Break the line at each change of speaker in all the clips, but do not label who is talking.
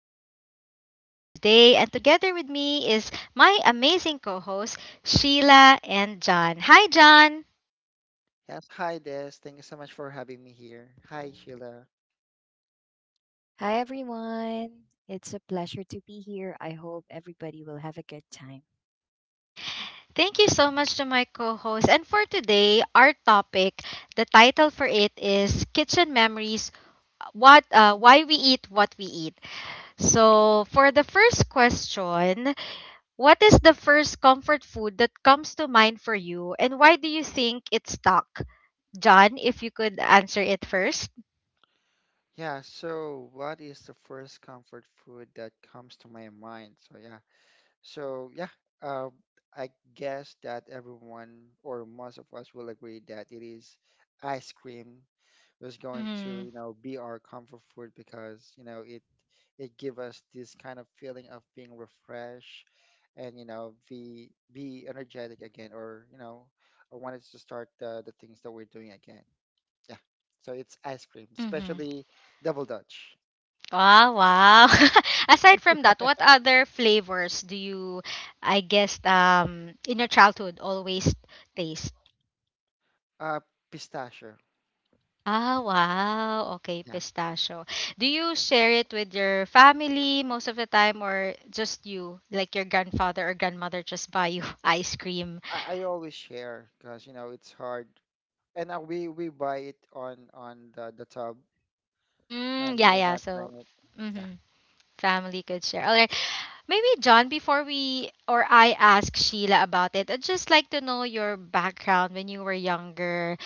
our podcast for today. And together with me is my amazing co host, Sheila and John. Hi, John.
Yes, hi Des. Thank you so much for having me here. Hi Sheila.
Hi, everyone. It's a pleasure to be here. I hope everybody will have a good time.
Thank you
Mm,
so
nice.
much to my co host. And for today, our topic, the title for it is Kitchen Memories what why we eat what we eat. So for the first question, what is the first comfort food that comes to mind for you, and why do you think it stuck? John, if you could answer it first.
Yeah, so what is the first comfort food that comes to my mind? So yeah, uh, I guess that everyone or most of us will agree that it is ice cream was going to,
Mm-hmm.
be our comfort food because, it give us this kind of feeling of being refreshed and be energetic again, or I wanted to start the things that we're doing again, yeah. So it's ice cream,
Mm-hmm.
especially double dutch.
Wow, wow. Aside from that, what other flavors do you, I guess, in your childhood always taste?
uh Pistachio.
Ah, wow. Okay,
Yeah.
pistachio. Do you share it with your family most of the time, or just you, like your grandfather or grandmother, just buy you ice cream?
I always share because it's hard. And we buy it on the tub,
Mm,
and
yeah,
we're
yeah.
not
So,
buying it. Yeah.
mm-hmm. Family could share. All right. Maybe John, before we or I ask Sheila about it, I'd just like to know your background when you were younger.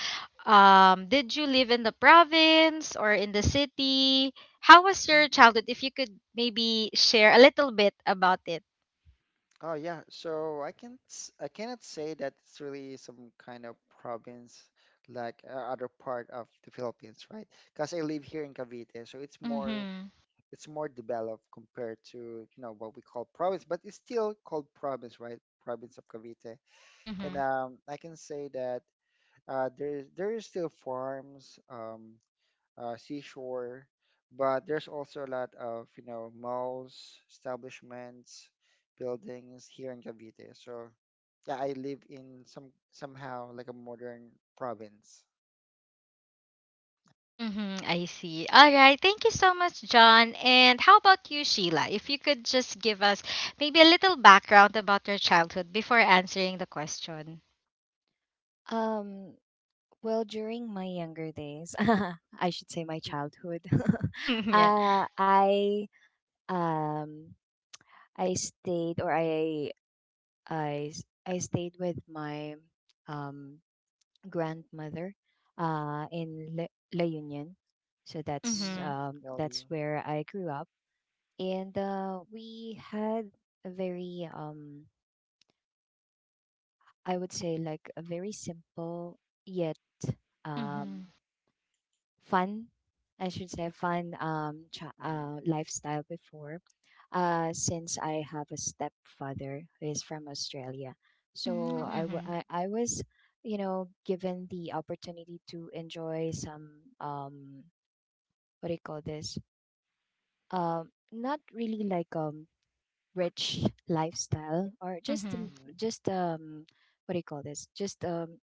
Did you live in the province or in the city? How was your childhood? If you could maybe share a little bit about it.
Oh yeah, so I cannot say that it's really some kind of province, like, other part of the Philippines, right? Because I live here in Cavite, so
Mm-hmm.
it's more developed compared to, you know, what we call province, but it's still called province, right? Province of Cavite. and
Mm-hmm.
um, I can say that, there is still farms, seashore, but there's also a lot of, malls, establishments, buildings here in Cavite. So yeah, I live in somehow like a modern province.
Mm-hmm, I see. All right. Thank you so much, John. And how about you, Sheila? If you could just give us maybe a little background about your childhood before answering the question.
Um, well, during my younger days, I should say my childhood,
yeah.
uh, I um I stayed or I s- I stayed with my um grandmother in La Union. So that's
Mm.
Mm-hmm.
um that's
LU.
where I grew up, and we had a very I would say, like, a very simple, yet
Mm-hmm.
um, fun — I should say fun
Mm.
lifestyle before, since I have a stepfather who is from Australia. So
Oh.
I wa-
Mm-hmm.
I- I was given the opportunity to enjoy some what do you call this? Not really, like, rich lifestyle, or
Mm-hmm. Mm-hmm.
Mm.
just what do you call this? Just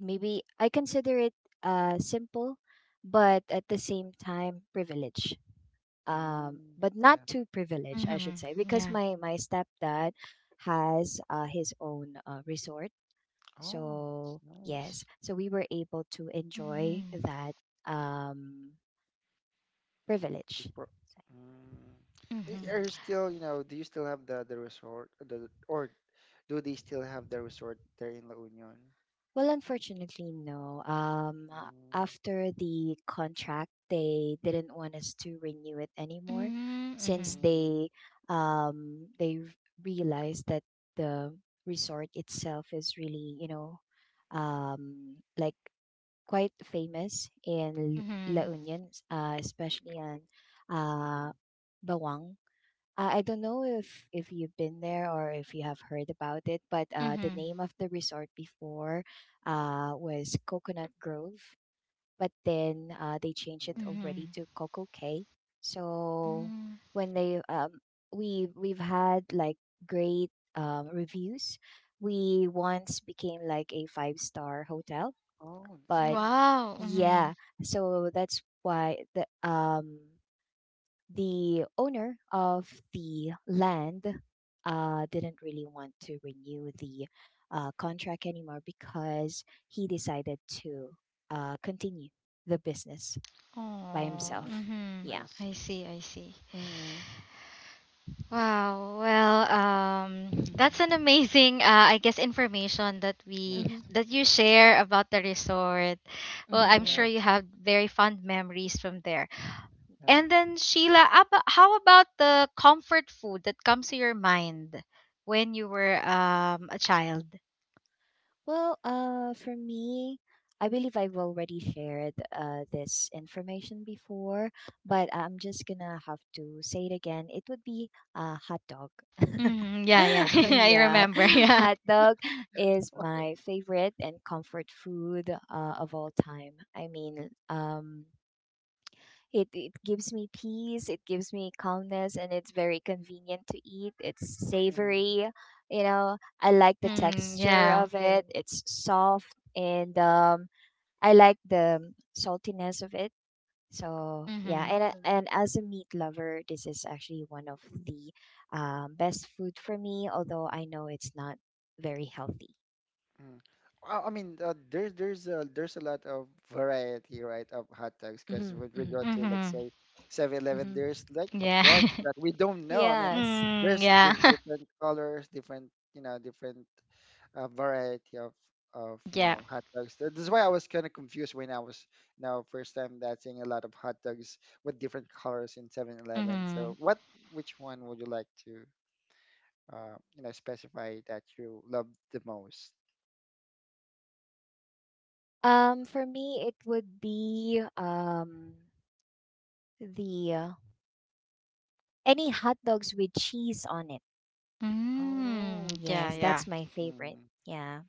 maybe I consider it simple, but at the same time, privilege. Um,
Mm,
but not
yeah.
too privileged, I
Mm-hmm,
should say, because
yeah.
my stepdad has his own resort.
Oh, it's
So, yes,
nice.
so we were able to enjoy
Mm-hmm.
that um,
The
privilege.
pro- mm. Are
Mm-hmm.
you
Mm-hmm.
still, do you still have the resort, the or do they still have the resort there in La Union?
Well, unfortunately, no. After the contract, they didn't want us to renew it anymore, since
Mm-hmm.
Mm.
they realized that the resort itself is really, like, quite famous in La
Mm-hmm.
Union, especially on uh
Mhm.
Bawang. I don't know if you've been there, or if you have heard about it, but the
Mm-hmm.
name of the resort before was Coconut Grove, but then they changed it
Mm.
already
Mm-hmm.
to Coco Cay. So
Mm.
when they we've had, like, great reviews. We once became, like, a five-star hotel,
Oh, that's
but
nice.
Wow. Mm-hmm.
yeah, so that's why the owner of the land didn't really want to renew the contract anymore, because he decided to continue the business by
Oh.
Mm,
himself.
Mm-hmm.
Yeah.
I
I
see.
see. I see.
Mm.
Wow. Well, that's an amazing, I guess, information that we
Yes.
Hmm.
that you share about the resort. Well, I'm
Hmm.
sure
Yeah.
you have very fond memories from there.
Hmm.
And
Yeah.
then Sheila, how about the comfort food that comes to your mind when you were a child?
Well, for me, I believe I've already shared this information before, but I'm just gonna have to say it again. It would be a hot dog.
Hmm, yeah,
Oh,
yeah,
okay.
I
Yeah,
remember. Yeah.
hot dog is my favorite and comfort food of all time. I mean, it gives me peace, it gives me calmness, and it's very convenient to eat. It's
Mm.
savory. I like the
Mm-hmm,
texture
yeah.
of it. It's soft, and I like the saltiness of it. So yeah,
Mm-hmm.
and as a meat lover, this is actually one of the best food for me. Although I know it's not very healthy.
Mm. I mean, there's a lot of variety, right, of hot dogs. Because
Hmm.
with
Hmm.
regard to, like,
Mm-hmm.
say 7-Eleven,
Hmm.
there's like a
Yeah.
bunch that we don't know. I mean,
Yes.
mm,
there's
yeah.
there's different colors, different, different, a variety of
yeah.
hot dogs. That's why I was kind of confused when I was, first time that seeing a lot of hot dogs with different colors in 7-Eleven.
Mm-hmm.
So what, which one would you like to, specify that you love the most?
For me, it would be the any hot dogs with cheese on it.
Oh,
Mm,
with
yeah,
Yes, that's
yeah.
cheese.
my favorite. Yeah,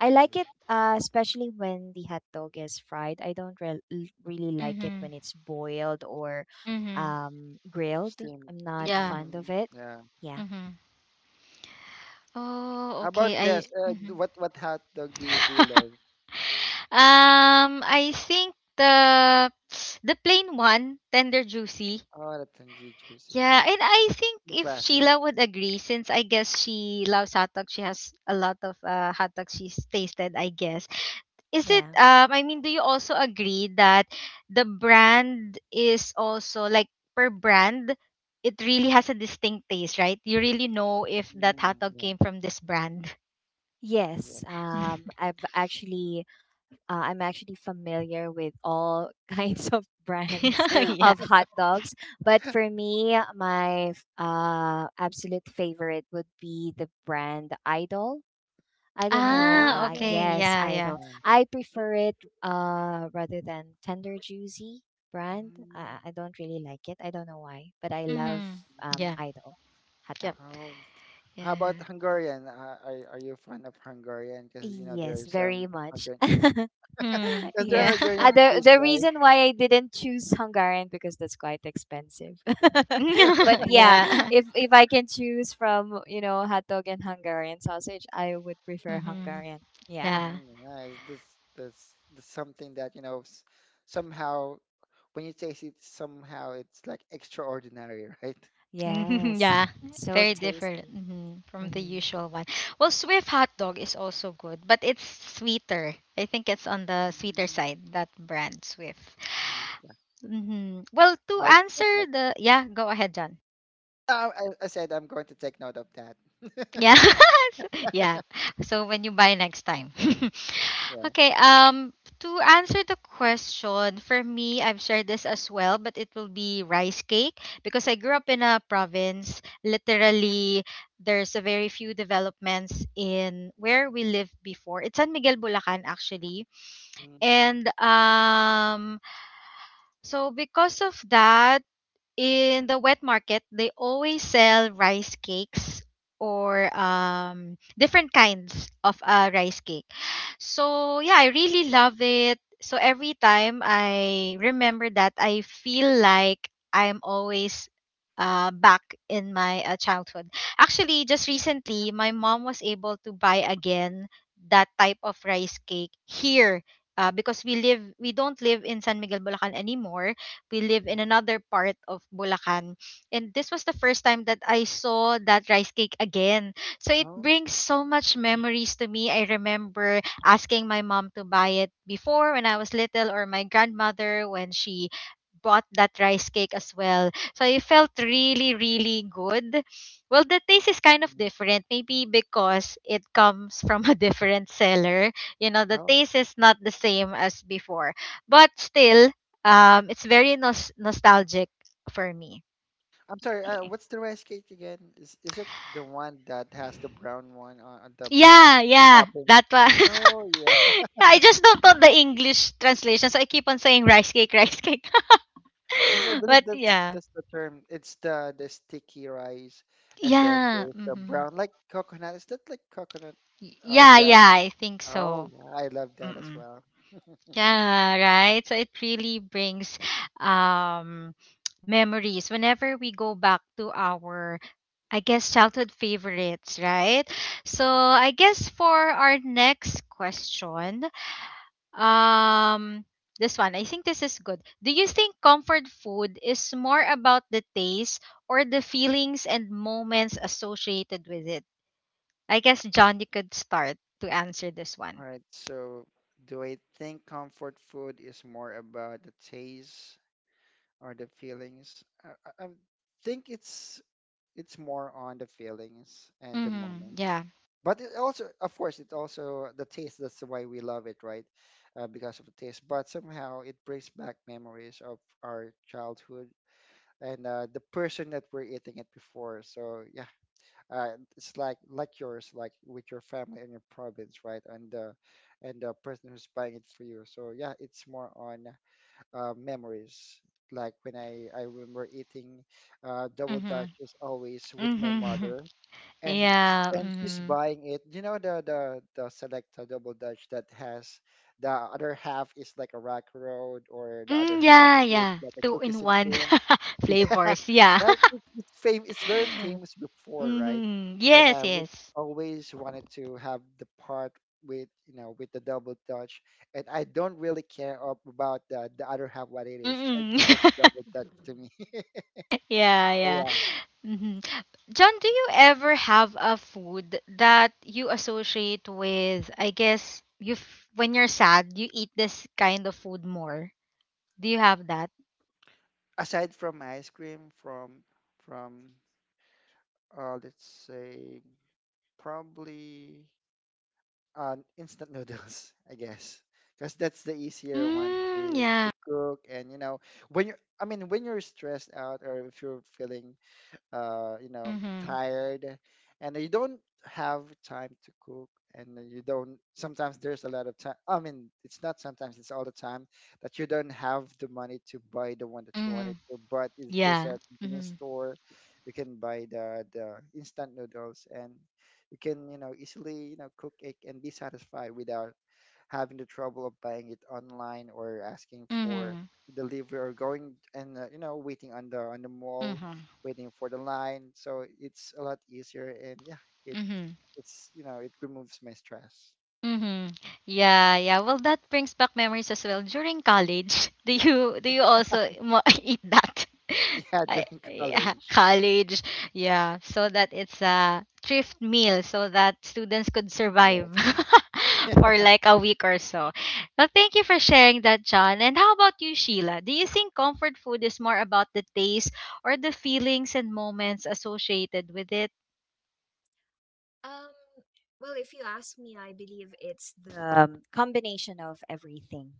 I like it, especially when the hot dog is fried. I don't really like it
Mm-hmm.
when it's boiled or
Mm-hmm.
grilled.
Steam.
I'm not
Yeah.
fond of
Mm,
it.
yeah.
Yeah,
Mm-hmm. Oh,
How about
okay. I
this?
mhm.
What hot dog do you love?
I think the plain one, tender juicy.
Oh, that's really juicy. Yeah,
Yeah, and I think
the
if
classic.
Sheila would agree, since I guess she loves hot dog, she has a lot of hot dogs she's tasted, I guess. Is it
yeah.
I mean, do you also agree that the brand is also like per brand, it really has a distinct taste, right? You really know if that hot
Mm,
dog
yeah.
came from this brand.
Yes,
Yes.
um, I've actually Uh, I'm actually familiar with all kinds of brands
yeah.
of hot dogs, but for me, my absolute favorite would be the brand Idol. I don't
I
know.
Ah,
Uh,
okay.
do.
yes,
Yeah, yeah.
Idol.
Yeah.
I prefer it rather than Tender Juicy brand.
Mm.
I don't really like it. I don't know why, but I love
Mhm.
Mm.
Yeah.
Idol hot
Yep.
dog.
Oh, how
Yeah.
about Hungarian? Are you fan of Hungarian? Because there are
Yes, very
some
much.
Hungarian.
Mhm.
Because they're
Yeah.
Yes. Uh,
Hungarian
the
cheese,
the
right?
reason why I didn't choose Hungarian because that's quite expensive. But yeah,
yeah.
if I can choose from, hotdog and Hungarian sausage, I would prefer
Mhm.
Hungarian. Yeah.
Yeah.
Mm, nice. This something that, somehow when you taste it, somehow it's like extraordinary, right?
mhm,
Yes.
yeah,
So
Yeah.
very different
tasty.
mhm, from the
Hmm.
usual one. Well, Swift hot dog is also good, but it's sweeter. I think it's on the sweeter
Mm,
side, that brand Swift.
sweet. Yeah.
Hmm. Well, to
I'll take
answer
note.
the yeah, go ahead, John.
Oh, I said I'm going to take note of that.
Yeah. yeah. So when you buy next time.
Yeah.
okay, to answer the question, for me, I've shared this as well, but it will be rice cake because I grew up in a province. Literally, there's a very few developments in where we lived before. It's San Miguel Bulacan actually.
Mm-hmm.
And so because of that, in the wet market they always sell rice cakes or different kinds of rice cake, so yeah, I really love it. So every time I remember that, I feel like I'm always back in my childhood. Actually, just recently, my mom was able to buy again that type of rice cake here. We don't live in San Miguel Bulacan anymore. We live in another part of Bulacan, and this was the first time that I saw that rice cake again. So it
Oh.
brings so much memories to me. I remember asking my mom to buy it before when I was little, or my grandmother when she bought that rice cake as well. So it felt really, really good. Well, the taste is kind of
Mhm.
different, maybe because it comes from a different seller. You know, the
Oh.
taste is not the same as before, but still, it's very nostalgic for me.
I'm sorry. What's the rice cake again? Is it the one that has the brown one on the brown
Yeah, yeah,
topping?
that one.
Oh yeah.
I just don't know the English translation, so I keep on saying rice cake, rice cake.
Yes, I believe
But
that's
yeah.
that's the term. It's the sticky rice, and then
Yeah.
there's the
Mhm.
brown, like, coconut. Is that like coconut,
Yeah,
jam?
yeah, I think
Oh
so.
yeah, I love that as
Mm-mm.
well.
Yeah, right. So it really brings um memories whenever we go back to our, I guess, childhood favorites, right? So I guess for our next question, um this one, I think this is good. Do you think comfort food is more about the taste or the feelings and moments associated with it? I guess John, you could start to answer this
All
one.
right. So, do I think comfort food is more about the taste or the feelings? I think it's more on the feelings and the
Mm-hmm.
moments.
Yeah.
But it also, of course, it also the taste. That's why we love it, right? Because of the taste. But somehow it brings back memories of our childhood and, the person that we're eating it before. So yeah, uh, it's like yours, like with your family and your province, right? And the person who's buying it for you. So yeah, it's more on, memories. Like when I remember eating, double
Mm-hmm.
dutch is always with my
Mm-hmm.
mother, and
Yeah.
and she's
Mm-hmm.
buying it. You know the Selecta double dutch that has the other half is like a rack road, or the other
Mm,
half
yeah,
is
yeah.
like a
Two
cookies
in
and
one
cream. Yeah,
flavors. Yeah.
right. It's fame. It's very famous before, right?
mm-hmm.
And
Yes,
I would
yes.
always wanted to have the part with, with the double dutch, and I don't really care about the other half what it is.
Mm-hmm.
It's just double dutch to me.
yeah,
So
yeah.
yeah.
Mm-hmm. John, do you ever have a food that you associate with, I guess, when you're sad, you eat this kind of food more? Do you have that?
Aside from ice cream, from let's say probably, instant noodles, I guess, because that's the easier one
Mm,
to
yeah.
to cook. And, when you're, I mean, when you're stressed out or if you're feeling,
Mm-hmm.
tired, and you don't have time to cook, and then you don't. Sometimes there's a lot of time. I mean, it's not sometimes; it's all the time that you don't have the money to buy the one that you
Mm-hmm.
wanted to. But if there's
Yeah.
a convenience
Mm-hmm.
store, you can buy the instant noodles, and you can easily, cook it and be satisfied without having the trouble of buying it online, or asking for
Mm-hmm.
delivery, or going and, waiting on the mall,
Mm-hmm.
waiting for the line. So it's a lot easier, and yeah, it
Mm-hmm.
it's it removes my stress.
Mm-hmm. Yeah, yeah. Well, that brings back memories as well. During college, do you also eat that?
Yeah,
I,
during
yeah,
college.
college. Yeah, so that it's a thrift meal so that students could survive
Yes.
for like a week or so. Well, thank you for sharing that, John. And how about you, Sheila? Do you think comfort food is more about the taste or the feelings and moments associated with it?
Um, well, if you ask me, I believe it's the combination of everything.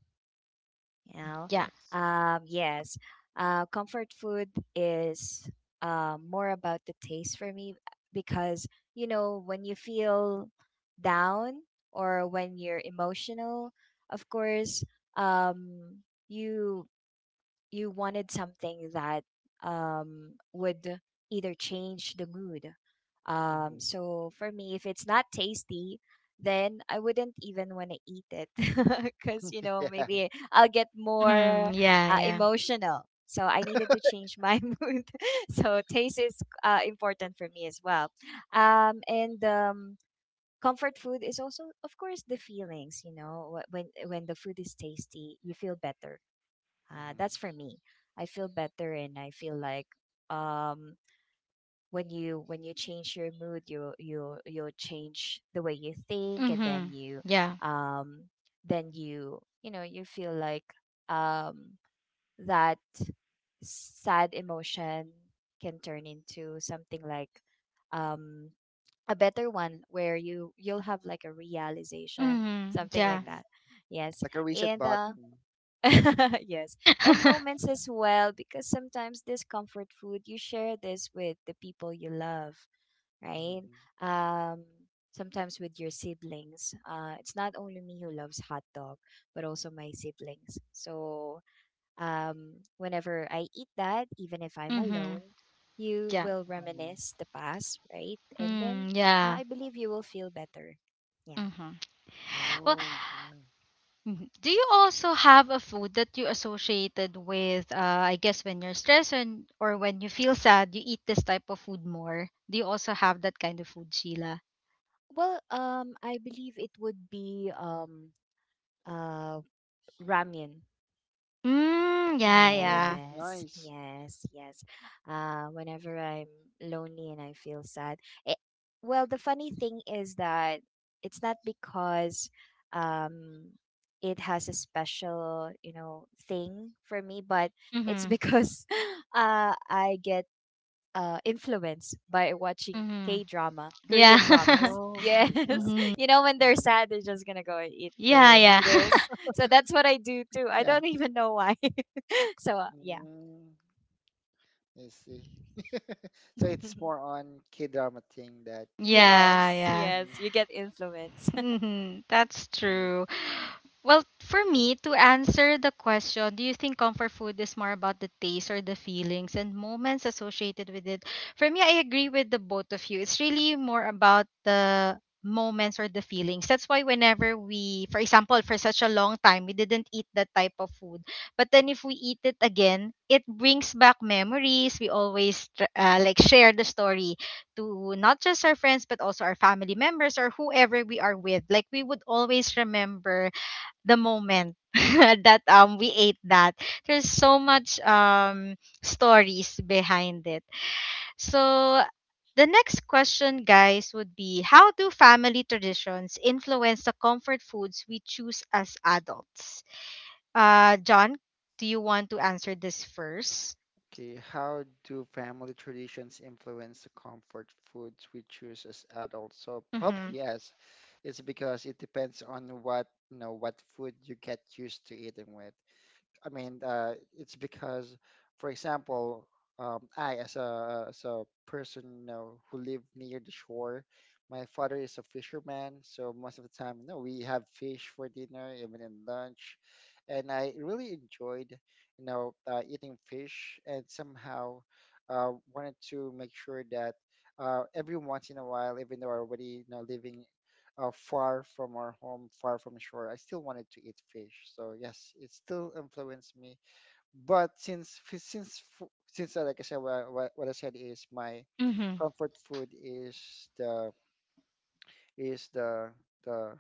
you
Mhm.
know
Yeah.
Yes.
yes. Comfort food is more about the taste for me, because when you feel down, or when you're emotional, of course, um you you wanted something that would either change the mood. Um,
Hmm.
so for me, if it's not tasty, then I wouldn't even want to eat it because, you know,
Yeah.
maybe I'll get more
Mhm. Yeah, yeah.
emotional. So I needed to change my mood. So taste is important for me as well. And comfort food is also, of course, the feelings. You know, when the food is tasty, you feel better.
Mm-hmm.
That's for me. I feel better, and I feel like um, when you change your mood, you'll change the way you think, and then
Mhm.
you
Yeah.
um, then you feel like um, that sad emotion can turn into something like um, a better one, where you'll have, like, a realization,
Mhm.
something like
Yeah.
Hmm.
that. Yes.
Like a reset
And
button.
yes, and moments as well, because sometimes this comfort food, you share this with the people you love, right?
Mm-hmm.
Um, Sometimes with your siblings. It's not only me who loves hot dog, but also my siblings. So, whenever I eat that, even if I'm
mhm.
alone, you
Yeah.
will
Hmm.
reminisce the past, right? And then
Mm, yeah.
I believe you will feel better. Yeah.
Mhm. Well,
Oh, yeah.
mhm, do you also have a food that you associated with I guess when you're stressed and or when you feel sad, you eat this type of food more? Do you also have that kind of food, Sheila?
Well, I believe it would be uh Ramen.
Mm, yeah,
Oh,
yeah.
that's
Yes,
nice.
yes, yes. Whenever I'm lonely and I feel sad, it, well, the funny thing is that it's not because um, it has a special thing for me, but it's
Mhm.
because I get influenced by watching
Mhm.
K drama,
Yeah.
Korean dramas.
Oh,
Yes.
okay, drama.
mhm.
You know, when they're
Mm,
sad, they're just going to go and eat
Yeah,
their
yeah.
noodles. So that's what I do too. I
yeah.
don't even know why. So, yeah.
Mm, I see. So it's more on K-drama thing that you're.
yeah,
Yes.
yeah.
Yes.
Mm.
You get influence.
Hmm. That's
I.
true. Well, for me, to answer the question, do you think comfort food is more about the taste or the feelings and moments associated with it? For me, I agree with the both of you. It's really more about the moments or the feelings. That's why whenever we, for example, for such a long time, we didn't eat that type of food. But then if we eat it again, it brings back memories. We always like, share the story to not just our friends, but also our family members or whoever we are with. Like, we would always remember the moment that we ate that. There's so much stories behind it, so the next question guys would be, how do family traditions influence the comfort foods we choose as adults? John, do you want to answer this first?
Okay, how do family traditions influence the comfort foods we choose as adults? So
Mm-hmm.
probably yes. It's because it depends on what, what food you get used to eating with. I mean, it's because, for example, I, as a person, who live near the shore. My father is a fisherman, so most of the time, we have fish for dinner, even in lunch. And I really enjoyed, eating fish. And somehow, wanted to make sure that. Every once in a while, even though I already, living, far from our home, far from shore, I still wanted to eat fish. So yes, it still influenced me. But since fi- since fu- since like I said, what I said is my comfort food is is the the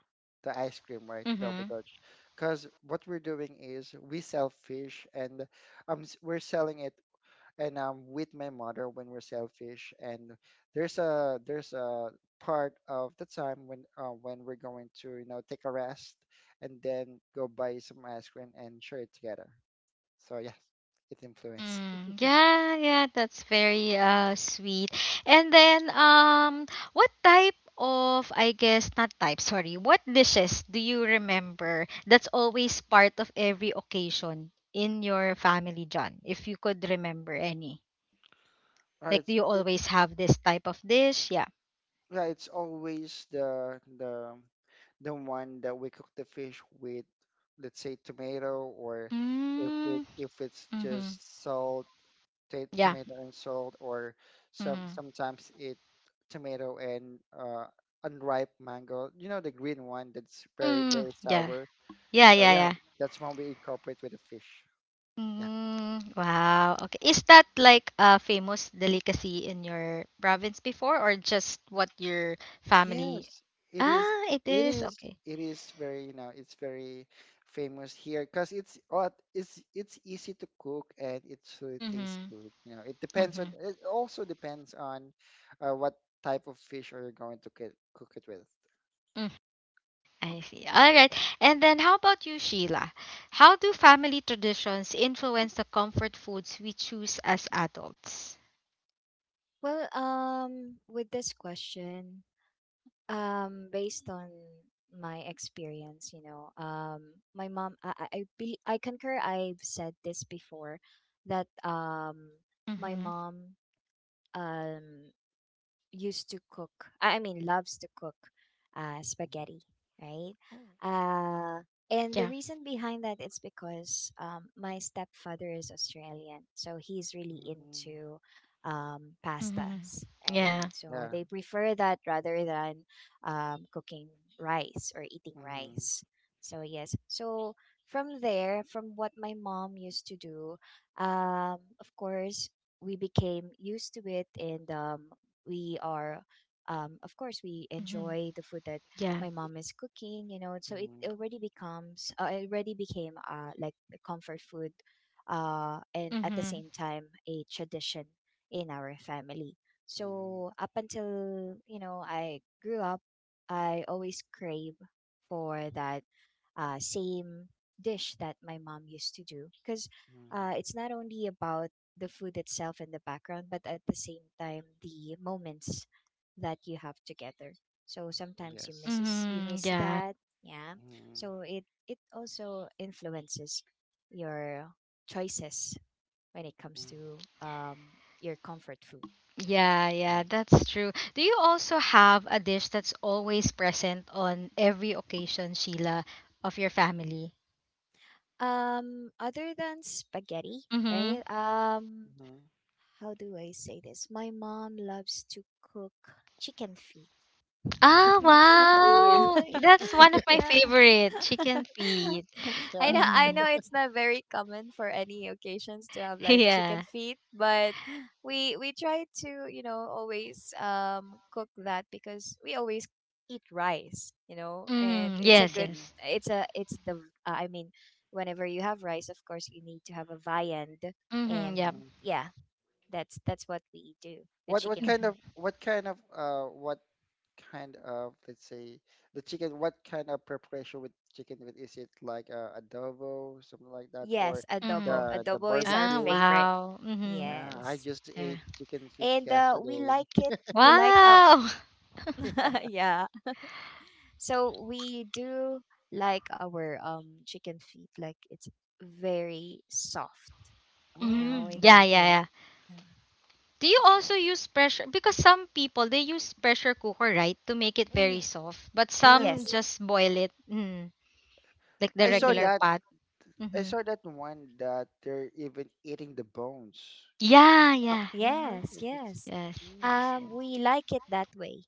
the ice cream, right? Double
Mm-hmm.
Dutch. Because what we're doing is we sell fish, and, we're selling it, and I'm with my mother when we're selfish. And there's a part of the time when, when we're going to, take a rest and then go buy some ice cream and share it together. So yes, it influences.
Mm, yeah, yeah, that's very sweet. And then what type of I guess not type, sorry, what dishes do you remember that's always part of every occasion in your family, John, if you could remember any?
Uh,
Like, do
it's
you
it,
always have this type of dish? Yeah.
yeah, it's always the one that we cook the fish with, let's say tomato, or
Mm,
if it's
mm-hmm.
just salt,
Yeah.
tomato and salt, or
Mm-hmm.
sometimes eat tomato and, unripe mango. You know the green one that's very,
Mm,
very
yeah.
sour.
Yeah,
So
yeah,
yeah,
yeah.
that's one we incorporate with the fish. Yeah.
Mm, wow. Okay. Is that like a famous delicacy in your province before or just what your family?
Yes, it is.
Ah, it
It
is.
is.
Okay.
It is very. You know, it's very famous here because it's odd. It's easy to cook, and it really tastes
Mm-hmm.
good. You know, it depends
Mm-hmm.
on. It also depends on, what type of fish are you going to get, cook it with.
Mm, I see. All right. And then how about you, Sheila? How do family traditions influence the comfort foods we choose as adults?
Well, with this question, based on my experience, you know, my mom, I be, I concur, I've said this before, that, my
Mm-hmm.
mom um used to cook. I mean, loves to cook
Mhm.
spaghetti, right?
Oh.
Uh, and the
Yeah.
reason behind that is because my stepfather is Australian, so he's really
Mm-hmm.
into
Mm-hmm.
pastas,
Yeah.
right?
Yeah.
Mm-hmm.
So
Yeah.
they prefer that rather than cooking rice or eating
Mm-hmm.
rice. So yes, so from there, from what my mom used to do, of course, we became used to it. And we are of course, we
Mm-hmm.
enjoy the food that
Yeah.
my mom is cooking. So it already became, like, the comfort food, and at the
Mm-hmm.
same time a tradition in our family.
Mm-hmm.
So up until I grew up, I always crave for that same dish that my mom used to do, because
Mm-hmm.
it's not only about the food itself in the background, but at the same time the moments that you have together. So sometimes
Yes.
you
Mm-hmm.
miss
Yeah.
that. Yeah.
Mm-hmm.
So it also influences your choices when it comes
Mm-hmm.
to your comfort food.
Yeah, yeah,
Yes.
that's true. Do you also have a dish that's always present on every occasion, Sheila, of your family?
Other than spaghetti,
Mm-hmm.
right? um
Mm-hmm.
how do I say this? My mom loves to cook chicken feet.
Ah,
Chicken
Yeah.
really?
wow. That's one of my
Yeah.
favorite, chicken feet.
I
Yeah.
know I
Mm-hmm.
know it's not very common for any occasions to have, like, chicken
Yeah.
feet, but we try to, you know, always cook that, because we always eat rice, you know, and
Mm-hmm.
it's a
Yes,
good
Mm-hmm.
yes.
it's a it's the I mean, whenever you have rice, of course you need to have a viand. And
Mm-hmm. Yep.
Mm-hmm.
yeah, that's what we do. The
What what
chicken
kind
feet.
of
Mm-hmm.
let's say, the chicken, what kind of preparation with chicken, with is it like, adobo, something like that, or
Yes,
Mm-hmm.
adobo.
the
Adobo is our
Ah,
barbecue?
favorite.
wow. Mm-hmm.
Yeah, I
Yes.
just ate
Yeah.
chicken feet
And we
yesterday.
like it. We like our
Wow.
yeah. So we do like our chicken feet, like, it's very soft. You
Oh,
know, we
Mm-hmm. Yeah,
don't. Yeah.
yeah.
Um,
Do you
yeah.
also use pressure? Because some people they use pressure cooker, right, to make it very
Mm-hmm.
soft. But
yes.
some
Yes.
just boil it, mm, like the
I saw
regular
We
that.
pot.
I
Hmm.
saw that one that they're even eating the bones.
Yeah, yeah,
Yeah, right. Yeah,
Yes, yes.
yes.
That's
Um
nice.
we like it that way.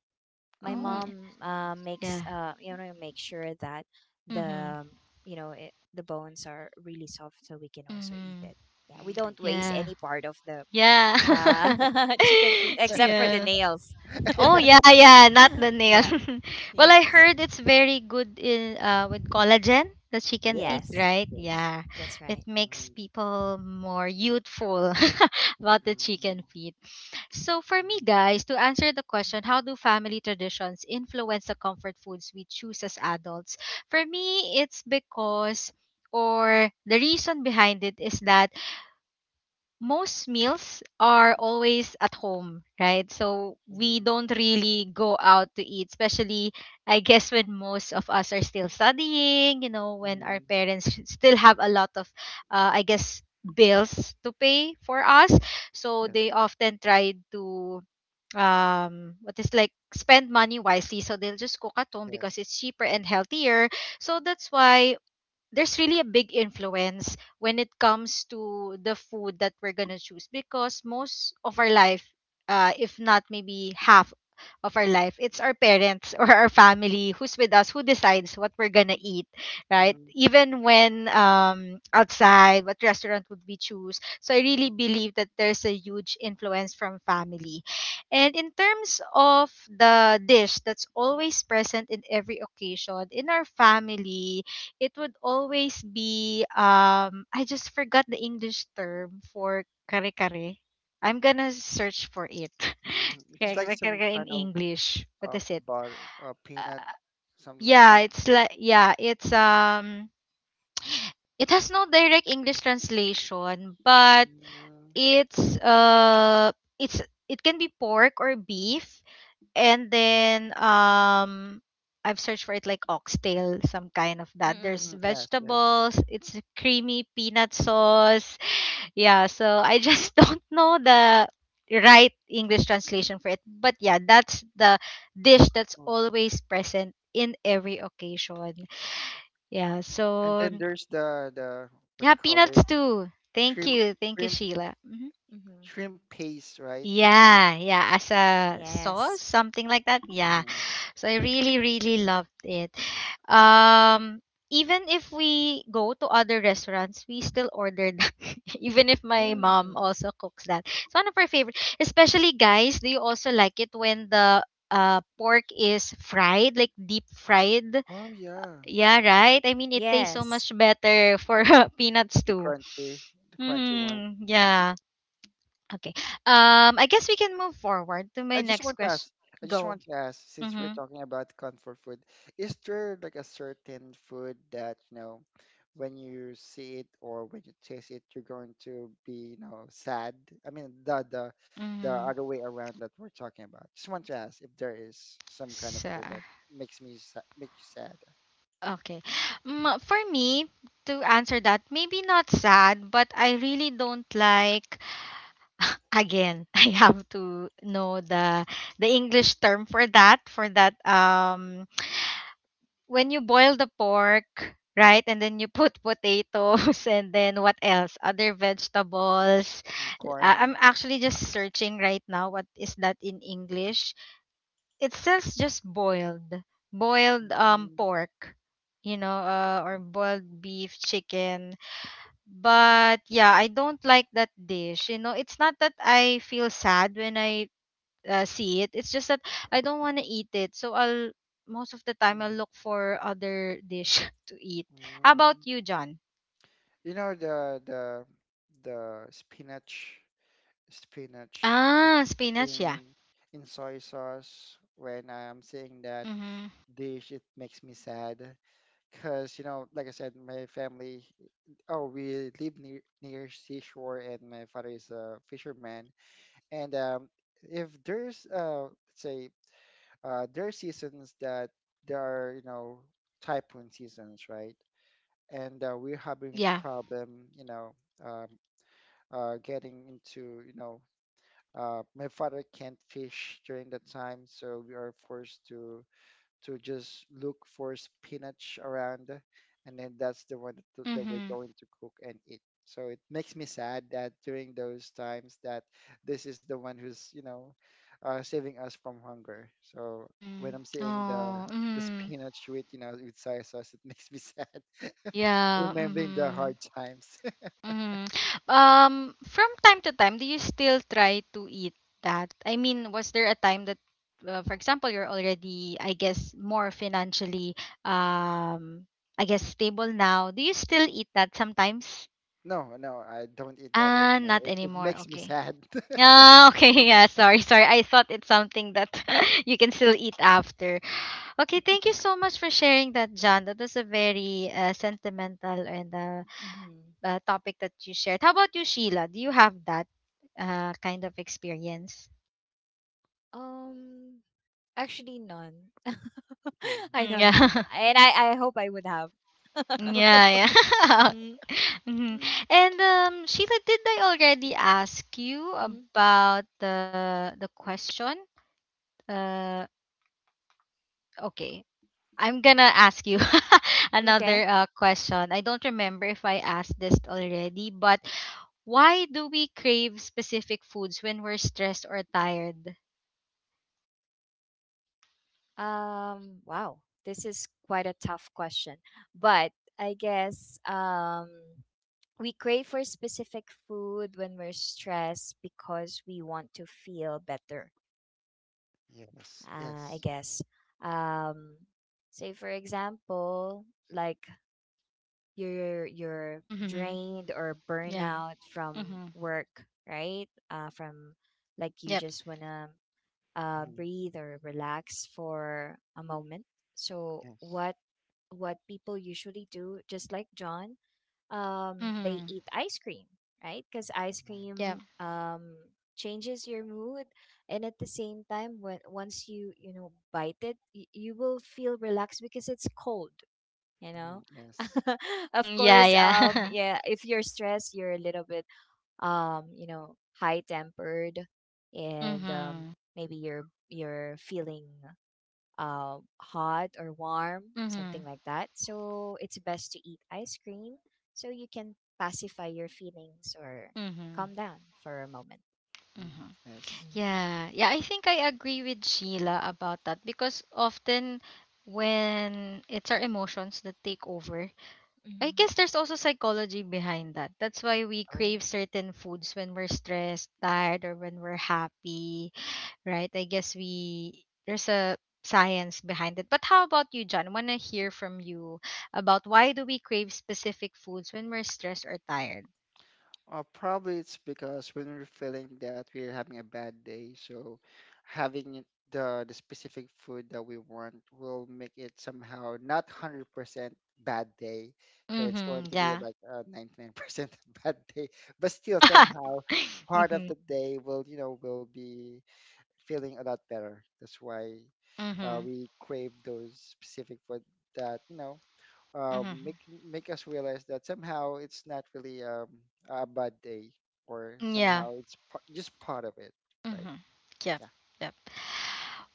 My
Mm,
Oh,
mom
it's nice.
yeah.
make sure that
Mm-hmm.
the you know it, the bones are really soft so we can also eat
Mm-hmm.
it. Yeah, we
Mm,
don't waste
Yeah.
any
it's
part of the
Yeah.
chicken feet, except for the
yeah.
nails.
nice.
Oh yeah, yeah. Not the nail.
Yeah.
well, I
Yes,
heard it's very good in with collagen, the chicken feet,
Yes,
yes,
right?
yes.
Yeah.
that's right.
It makes
Mm-hmm.
people more youthful. About the
Mm-hmm.
chicken feet. So for me guys, to answer the question, how do family traditions influence the comfort foods we choose as adults? For me, it's because or the reason behind it is that most meals are always at home, right? So we
Mm-hmm.
don't really go out to eat, especially I guess when most of us are still studying, you know, when our
Mm-hmm.
parents still have a lot of I guess bills to pay for us. So
Yes,
they often try to what is like spend money wisely, so they'll just cook at home because
yes.
it's cheaper and healthier. So that's why there's really a big influence when it comes to the food that we're gonna choose, because most of our life, if not maybe half of our life, it's our parents or our family who's with us who decides what we're gonna eat, right?
Mm-hmm.
Even when outside, what restaurant would we choose? So I really believe that there's a huge influence from family. And in terms of the dish that's always present in every occasion, in our family, it would always be I just forgot the English term for kare kare. I'm gonna search for it.
Mm-hmm. It's
Kare
like
Mm-hmm.
kare
some
kare in
kind of,
English. What
uh,
is it?
butter, peanut,
Uh,
something like that.
yeah, it's like yeah, it has no direct English translation, but
Mm-hmm.
it's it can be pork or beef and then I've searched for it like oxtail, some kind of that.
Mm-hmm.
There's
Mm. Yes, yes.
vegetables, it's a creamy peanut sauce. Yeah, so I just don't know the right English translation for it. But yeah, that's the dish that's
Mm.
always present in every occasion. Yeah,
And
so
then there's the, what
yeah,
you call this,
peanuts too. Thank
shrimp
you. Thank you,
shrimp
Sheila.
Mm-hmm.
Shrimp paste, right?
Yeah, yeah, as a
Yes.
sauce, something like that. Yeah.
Hmm.
So I really, really loved it. Um, Even if we go to other restaurants, we still order that. Even if my
Yeah.
mom
Mm.
also cooks that. It's one of her favorite. Especially guys, do you also like it when the pork is fried, like deep fried?
Oh yeah,
Yeah, right? I mean, it tastes so
Yes.
much better for peanuts
the
too.
crunchy, the crunchy one.
Hmm,
Mm.
yeah. Okay. I guess we can move forward to my
I just
next
want to
question.
ask. I just
Go.
want to ask, since we're
Mm-hmm.
talking about comfort food, is there like a certain food that, when you see it or when you taste it, you're going to be, sad? I mean the
Mm-hmm.
other way around that we're talking about. Just want to ask if there is some kind of
So.
food that makes make you sad.
Okay. Mm, for me, to answer that, maybe not sad, but I really don't like again, I have to know the English term for that when you boil the pork, right? And then you put potatoes and then what else? Other vegetables.
Mm.
I'm
Corn.
actually just searching right now what is that in English. It says just boiled boiled
Mm.
pork, you know, or boiled beef chicken. But yeah, I don't like that dish, you know. It's not that I feel sad when I see it. It's just that I don't want to eat it, so I'll most of the time I'll
Mm.
look for other dish to eat. How about
Mm,
you, John?
you know the the the spinach
Ah, spinach, yeah.
in in soy sauce, when I am seeing that
Mm-hmm.
dish, it makes me sad because, like I said, my family, oh, we live near seashore, and my father is a fisherman. And if there's, let's say, there are seasons that there are, typhoon seasons, right? And we're having
Yeah.
problem, you know, um, getting into, my father can't fish during that time, so we are forced to just look for spinach around, and then that's the one that, we're
Mm-hmm.
going to cook and eat. So it makes me sad that during those times, that this is the one who's, saving us from hunger. So
Mm-hmm.
when I'm seeing
Oh,
the
mm-hmm.
spinach with soy sauce, it makes me sad,
Yeah.
remembering the
Mm-hmm.
hard times.
Mhm. Um, from time to time, do you still try to eat that? I mean, was there a time that, for example, you're already, I guess, more financially, um, I guess, stable now? Do you still eat that sometimes?
No, no, I don't eat that
Ah,
anymore.
not
It
anymore.
makes me
Okay.
sad.
Ah, okay. Yeah, sorry, sorry. I thought it's something that you can still eat after. Okay, thank you so much for sharing that, John. That was a very sentimental and
Mm-hmm.
topic that you shared. How about you, Sheila? Do you have that kind of experience?
um Actually, none.
Mhm.
I
Mm,
don't
yeah.
have, and I hope I would have.
Yeah, yeah.
Mhm.
Mhm.
Mm-hmm.
And Sheila, did I already ask you
Mm-hmm.
about the question? Uh, okay, I'm gonna ask you
Okay.
another question. I don't remember if I asked this already, but why do we crave specific foods when we're stressed or tired?
Wow. This is quite a tough question. But I guess we crave for specific food when we're stressed because we want to feel better.
Yes,
I
yes.
guess. Um, say, for example, like you're
Mm-hmm.
drained or
Yeah.
burnout from
Mm-hmm.
work, right? From Like you
Yep.
just wanna
Mhm.
breathe or relax for a moment. So
Yes.
what people usually do, just like John, they
Mm-hmm.
eat ice cream, right? Because ice
Yeah.
cream changes your mood, and at the same time, when once you you know bite it, you will feel relaxed because it's cold. You
Mhm,
know,
mhm. Yes.
of
Mhm, yeah,
course, mm,
yeah.
yeah. If you're stressed, you're a little bit high tempered, and
Mhm.
maybe you're feeling hot or warm, something
Mhm.
like that. So it's best to eat ice cream so you can pacify your feelings or
Mhm.
calm down for a moment.
Mm,
Mhm.
yes.
Mhm.
Yeah. Yeah, I think I agree with Sheila about that because often when it's our emotions that take over, I
Mm-hmm.
guess there's also psychology behind that. That's why we
Oh.
crave certain foods when we're stressed, tired, or when we're happy, right? I guess we there's a science behind it. But how about you, John? Wanna hear from you about why do we crave specific foods when we're stressed or tired?
Probably it's because when we're feeling that we're having a bad day, so having it- the specific food that we want will make it somehow not 100% bad day. So it's going
Mm-hmm.
to be
Yeah.
like a 99% bad day, but still somehow part of
Mm-hmm.
the day will be feeling a lot better. That's why
Mm-hmm.
we crave those specific food that, um,
Mm-hmm.
make make us realize that somehow it's not really, a bad day, or
Yeah.
somehow it's just part of it, right?
Mm-hmm. Yep.
Yeah.
Yep.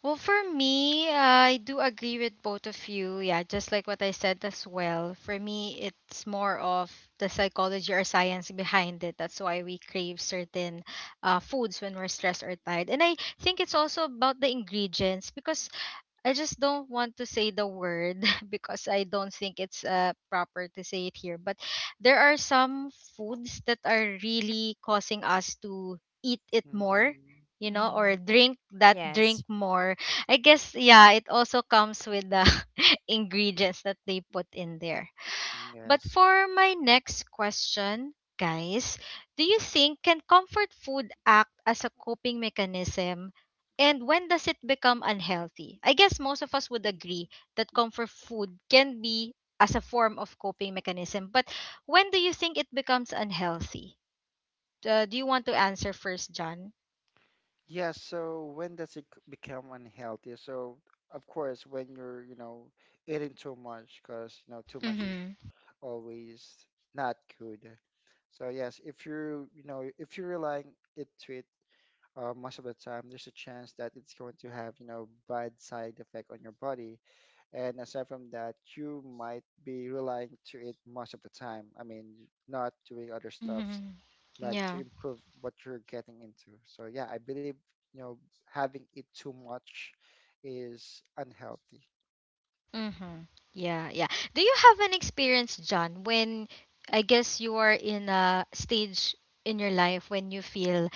Well, for me, I do agree with both of you. Yeah, just like what I said as well. For me, it's more of the psychology or science behind it. That's why we crave certain foods when we're stressed or tired. And I think it's also about the ingredients because I just don't want to say the word because I don't think it's proper to say it here. But there are some foods that are really causing us to eat it more,
Mhm.
you know, or
Mm-hmm.
drink that
Yes.
drink more. I guess, yeah, it also comes with the ingredients that they put in there. But
Yes.
for my next question, guys, do you think can comfort food act as a coping mechanism? And when does it become unhealthy? I guess most of us would agree that comfort food can be as a form of coping mechanism. But when do you think it becomes unhealthy? Do you want to answer first, John?
Yeah. So when does it become unhealthy? So of course, when you're, eating too much, because you know too much is
Mm-hmm.
always not good. So yes, if you're, relying it to it, most of the time there's a chance that it's going to have, bad side effect on your body. And aside from that, you might be relying to it most of the time. I mean, not doing other stuffs,
Mm-hmm.
like to
Yeah.
improve what you're getting into. So yeah, I believe, you know having it too much is unhealthy.
Mm-hmm. Yeah, yeah. Do you have an experience, John, when I guess you are in a stage in your life when you feel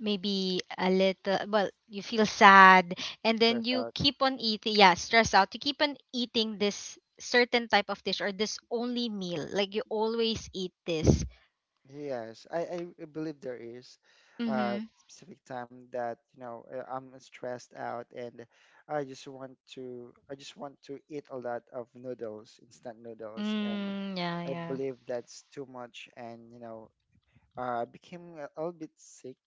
maybe a little, well, you feel sad and
Stress
then you
out.
keep on eating, yeah, stress out, you keep on eating this certain type of dish or this only meal, like you always eat this.
Yes, I believe there is
Mm-hmm.
a specific time that, I'm stressed out, and I just want to eat a lot of noodles, instant noodles, and
Mm, yeah,
I
yeah.
believe that's too much, and, became a little bit sick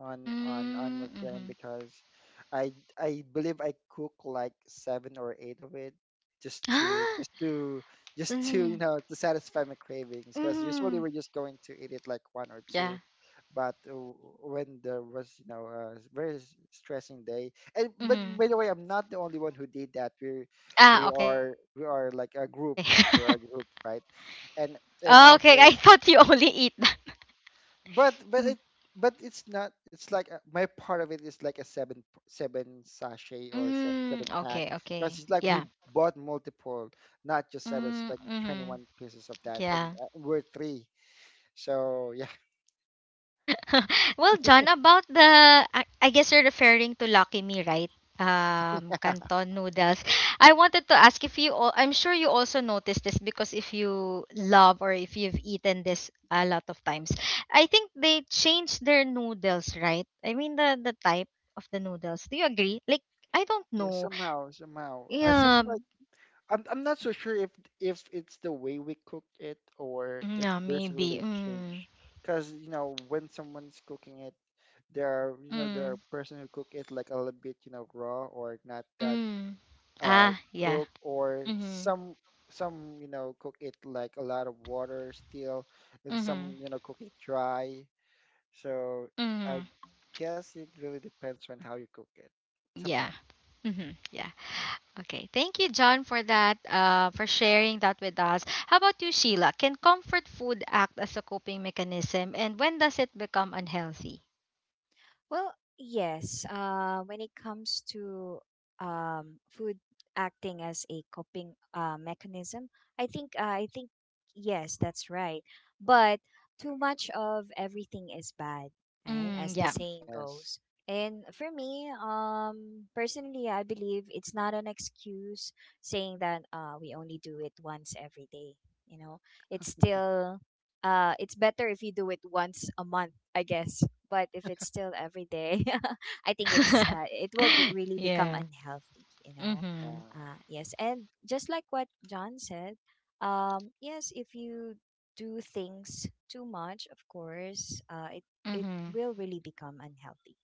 on on my
Mm,
friend,
mm-hmm.
because I I believe I cook like seven or eight of it, just to just
Ah,
to just to
mm,
to satisfy my cravings, because usually we're
mm,
just going to eat it like one or two.
yeah.
But when there was, a very stressing day. And but by
Mm-hmm.
the way, I'm not the only one who did that.
Ah,
We
okay.
are, like a group. We're a group,
Oh,
right?
okay. I thought
And
you only eat that.
also,
Mhm.
but it, but it's not, it's like a, my part of it is like a seven seven seven
Mm,
pack,
okay,
because
okay.
it's like we
Yeah.
bought multiple, not just seven. It's
Mm,
like
mhm.
21 pieces of that, and
Yeah.
we're three, so yeah.
Well, John, about I guess you're referring to Lucky Me, right? Canton noodles. I wanted to ask if you, all, I'm sure you also noticed this because if you love or if you've eaten this a lot of times, I think they changed their noodles, right? I mean, the type of the noodles. Do you agree? Like, I don't
Yeah,
know.
somehow seems
Yeah.
like I'm not so sure if it's the way we cook it, or it
Yeah,
there's really
maybe.
a
Mm.
change, because when someone's cooking it, there are, there are
Mm.
person who cook it like a little bit, raw, or not that,
Mm.
uh,
Ah, yeah.
cook, or
Mhm.
some, cook it like a lot of water still, and some,
Mhm.
cook it dry. So I
Mhm.
guess it really depends on how you cook it
Yeah.
sometimes.
Mhm. Yeah. Okay. Thank you, John, for that. For sharing that with us. How about you, Sheila? Can comfort food act as a coping mechanism, and when does it become unhealthy?
Well, yes. When it comes to food acting as a coping mechanism, I think yes, that's right. But too much of everything is bad, right?
Mm.
As
Hmm.
the
Yeah.
saying
Yes,
goes. And for me, personally, I believe it's not an excuse saying that we only do it once every day. You know, it's still it's better if you do it once a month, I guess but if it's still every day i think it's uh, it will be really become
Yeah.
unhealthy.
uh,
Mhm.
Yes and just like what john said yes if you do things too much of course it
Mhm.
will really become unhealthy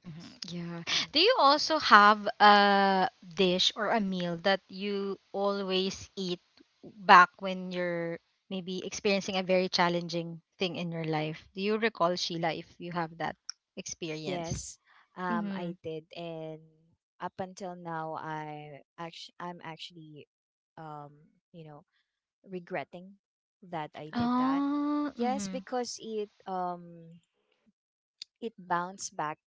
yes.
yeah.
hmm
Do you also have a dish or a meal that you always eat back when you're maybe experiencing a very challenging thing in your life? Do you recall, Sheila, if you have that experience?
yes
Mm-hmm.
I did and up until now I'm actually um, you know regretting that I
Oh.
did that.
Oh,
Yes,
mm-hmm.
because it bounced back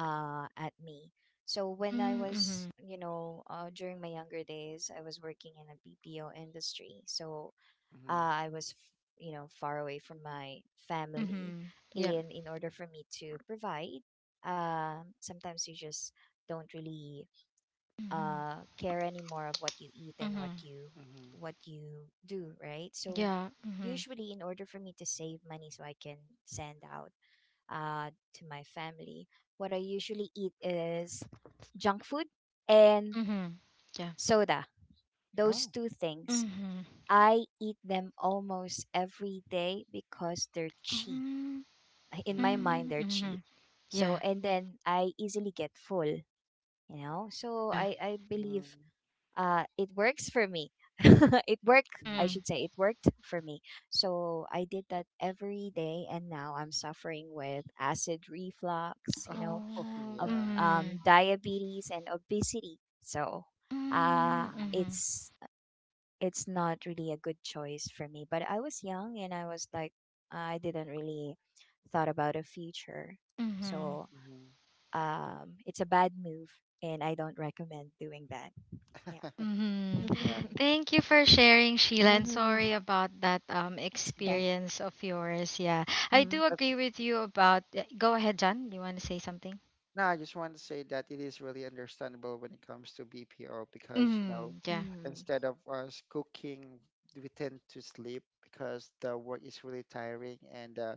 at me. So when I
Mm-hmm.
was, you know, during my younger days, I was working in a BPO industry. So
Mm-hmm.
uh, I was, f- you know, far away from my family,
Mm-hmm. Yep.
and in order for me to provide, sometimes you just don't really
Mm-hmm.
care anymore of what you eat and what
Mm-hmm.
you
Hmm.
what you do, right? So
Yeah. Mm-hmm.
usually, in order for me to save money, so I can send out to my family. What I usually eat is junk food and
Mm-hmm. Yeah.
soda. Those
Oh.
two things.
Mm-hmm.
I eat them almost every day because they're cheap.
Um,
In my mind,
Mm-hmm.
they're
mm-hmm.
cheap.
Yeah.
So, and then I easily get full, you know? So
Yeah.
I believe it works for me. It worked, I
Mm-hmm.
Mm-hmm.
should say, it worked for me. So I did that every day, and now I'm suffering with acid reflux, you know,
Oh,
Oh,
yeah.
mhm.
diabetes and obesity. So uh,
Mm,
Mm-hmm.
mhm,
it's it's not really a good choice for me. But I was young and I was like I didn't really thought about a future.
mhm,
So it's a bad move, and I don't recommend doing that. Yeah.
mhm.
Yeah.
Thank you for sharing, Sheila, and
Mm-hmm.
sorry about that
It's
Mm-hmm.
okay.
experience of yours. Yeah, I
Mm-hmm.
do agree with you about. Yeah, go ahead, John. You want to say something?
No, I just want to say that it is really understandable when it comes to BPO because,
Mm, yeah.
Mm-hmm.
instead of us cooking, we tend to sleep because the work is really tiring, and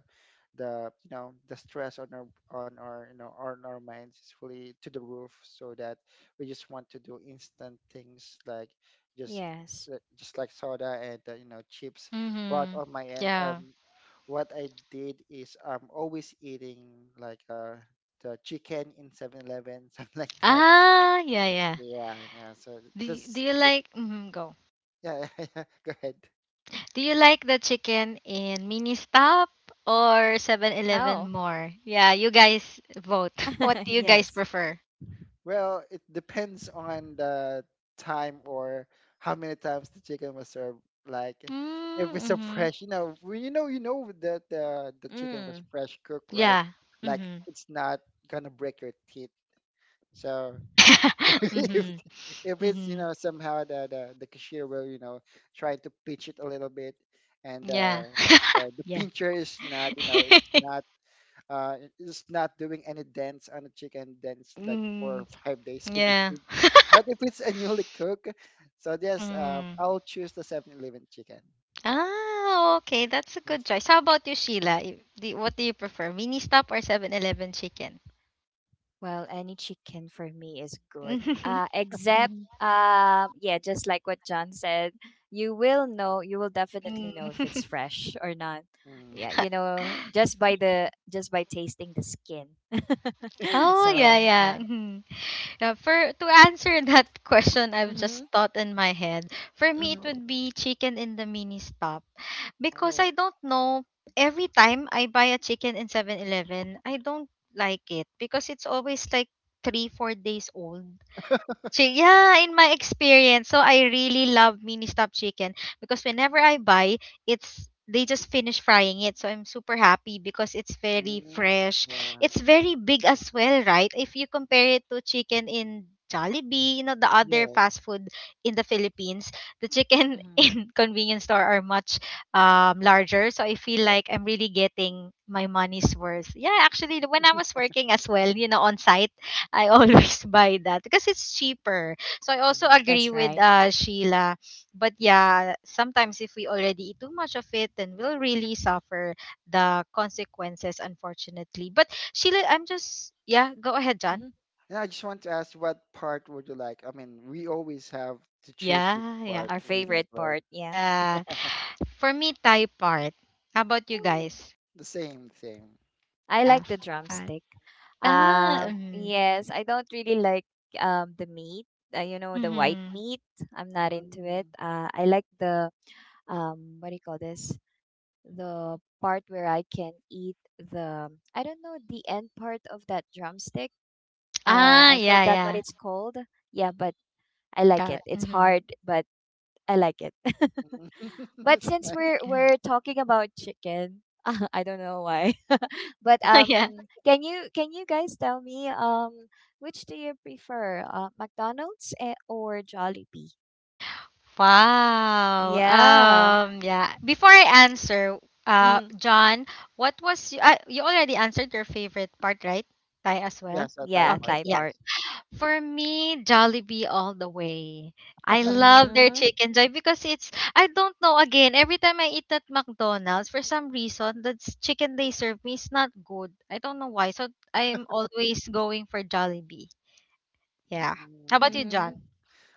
the, the stress on our minds is really to the roof. So that we just want to do instant things, just
Yes.
just like soda, and, chips. But
Mm-hmm.
on my end,
Yeah.
what I did is I'm always eating, like uh the chicken in 7-Eleven, something like that.
Ah, yeah, yeah.
Yeah, yeah. So
Do, y- do
this,
you
this
like mm, go?
yeah, yeah, yeah. Go ahead.
Do you like the chicken in Mini Stop or 7-Eleven
Oh,
more? Yeah, you guys vote. What do you guys
yes.
prefer?
Well, it depends on the time, or how many times the chicken was served. Like,
Mm,
if it's a
mhm.
fresh, you know that the chicken was
Mm.
fresh cooked, right?
Yeah.
Like,
Mhm.
it's not gonna break your teeth. So, if
Mhm.
if it's,
Mhm.
somehow, the cashier will, try to pitch it a little bit, and
Yeah.
the,
Yeah.
pincher is not, it's not, it's not doing any dents on the chicken. Dents like four or
Mm,
five days if
yeah.
it- but if it's a newly cooked. So yes,
Mm.
I'll choose the 7-Eleven chicken.
Ah, okay. That's a good
Yes.
choice. How about you, Sheila? Y- do- What do you prefer, Mini Stop or 7-Eleven chicken?
Well, any chicken for me is good.
Mhm.
Except,
Mhm.
yeah, just like what John said, you will know, you will definitely know if it's
Mm.
fresh or not. Yeah,
Mm.
you know, just by the just by tasting the skin.
Oh yeah,
So
yeah.
yeah,
Mhm. Yeah, for to answer that question, I've
mm-hmm,
just thought in my head. For me, it would
mm-hmm,
be chicken in the mini stop. Because I
Oh.
don't know, every time I buy a chicken in 7-Eleven, I don't like it because it's always like 3 4 days old. Chi- Yeah, in my experience, so I really love mini stop chicken because whenever I buy, it's they just finish frying it, so I'm super happy because it's very
Mm.
fresh.
Yeah.
It's very big as well, right? If you compare it to chicken in Jollibee, you know the other fast
Yes.
food in the Philippines, the chicken
mm-hmm,
in convenience store are much larger. So I feel
Yes.
like I'm really getting my money's worth. Yeah, actually, when I was working as well, you know, on site. I
hmm.
always buy that because it's cheaper. So I also
Hmm.
agree
That's
with
right.
Sheila. But yeah, sometimes if we already eat too much of it, then we'll really suffer the consequences, unfortunately. But Sheila, I'm just, yeah, go ahead, John.
Mm-hmm.
And I just want to ask, what part would you like? I mean, we always have to choose which
Yeah, yeah,
part
Our
we like,
favorite
right?
part. Yeah,
yeah. For me, Thai part. How about you
Mm.
guys?
The same thing.
I
Yeah,
like the
fat.
drumstick.
Oh,
Ah,
yes.
Yes, I don't really like the meat. You know, the white
mm-hmm.
meat. I'm not into it.
Mm.
I like the um, what do you call this? The part where I can eat the I don't know the end part of that drumstick.
Ah,
I
yeah,
forgot what
yeah.
it's called. Yeah, but I like
Got
it.
it.
It's
Mm-hmm.
hard, but I like it. But
That's
since
nice.
we're
Yeah.
we're talking about chicken, I don't know why. But
Yeah.
can you guys tell me um, which do you prefer, McDonald's eh, or Jollibee?
Wow.
Yeah.
Yeah. Before I answer,
Mm-hmm.
John, what was you you already answered your favorite part, right? Thai as well.
Yes, a Thai
Yeah,
Okay,
Thai
yeah.
part.
podcast.
For me, Jollibee all the way. I love their
Mm-hmm.
chicken joy because it's I don't know again, every time I eat at McDonald's, for some reason the s- chicken they serve me is not good. I don't know why. So I'm always going for Jollibee. Yeah. How
Mm.
about you,
Mm-hmm.
John?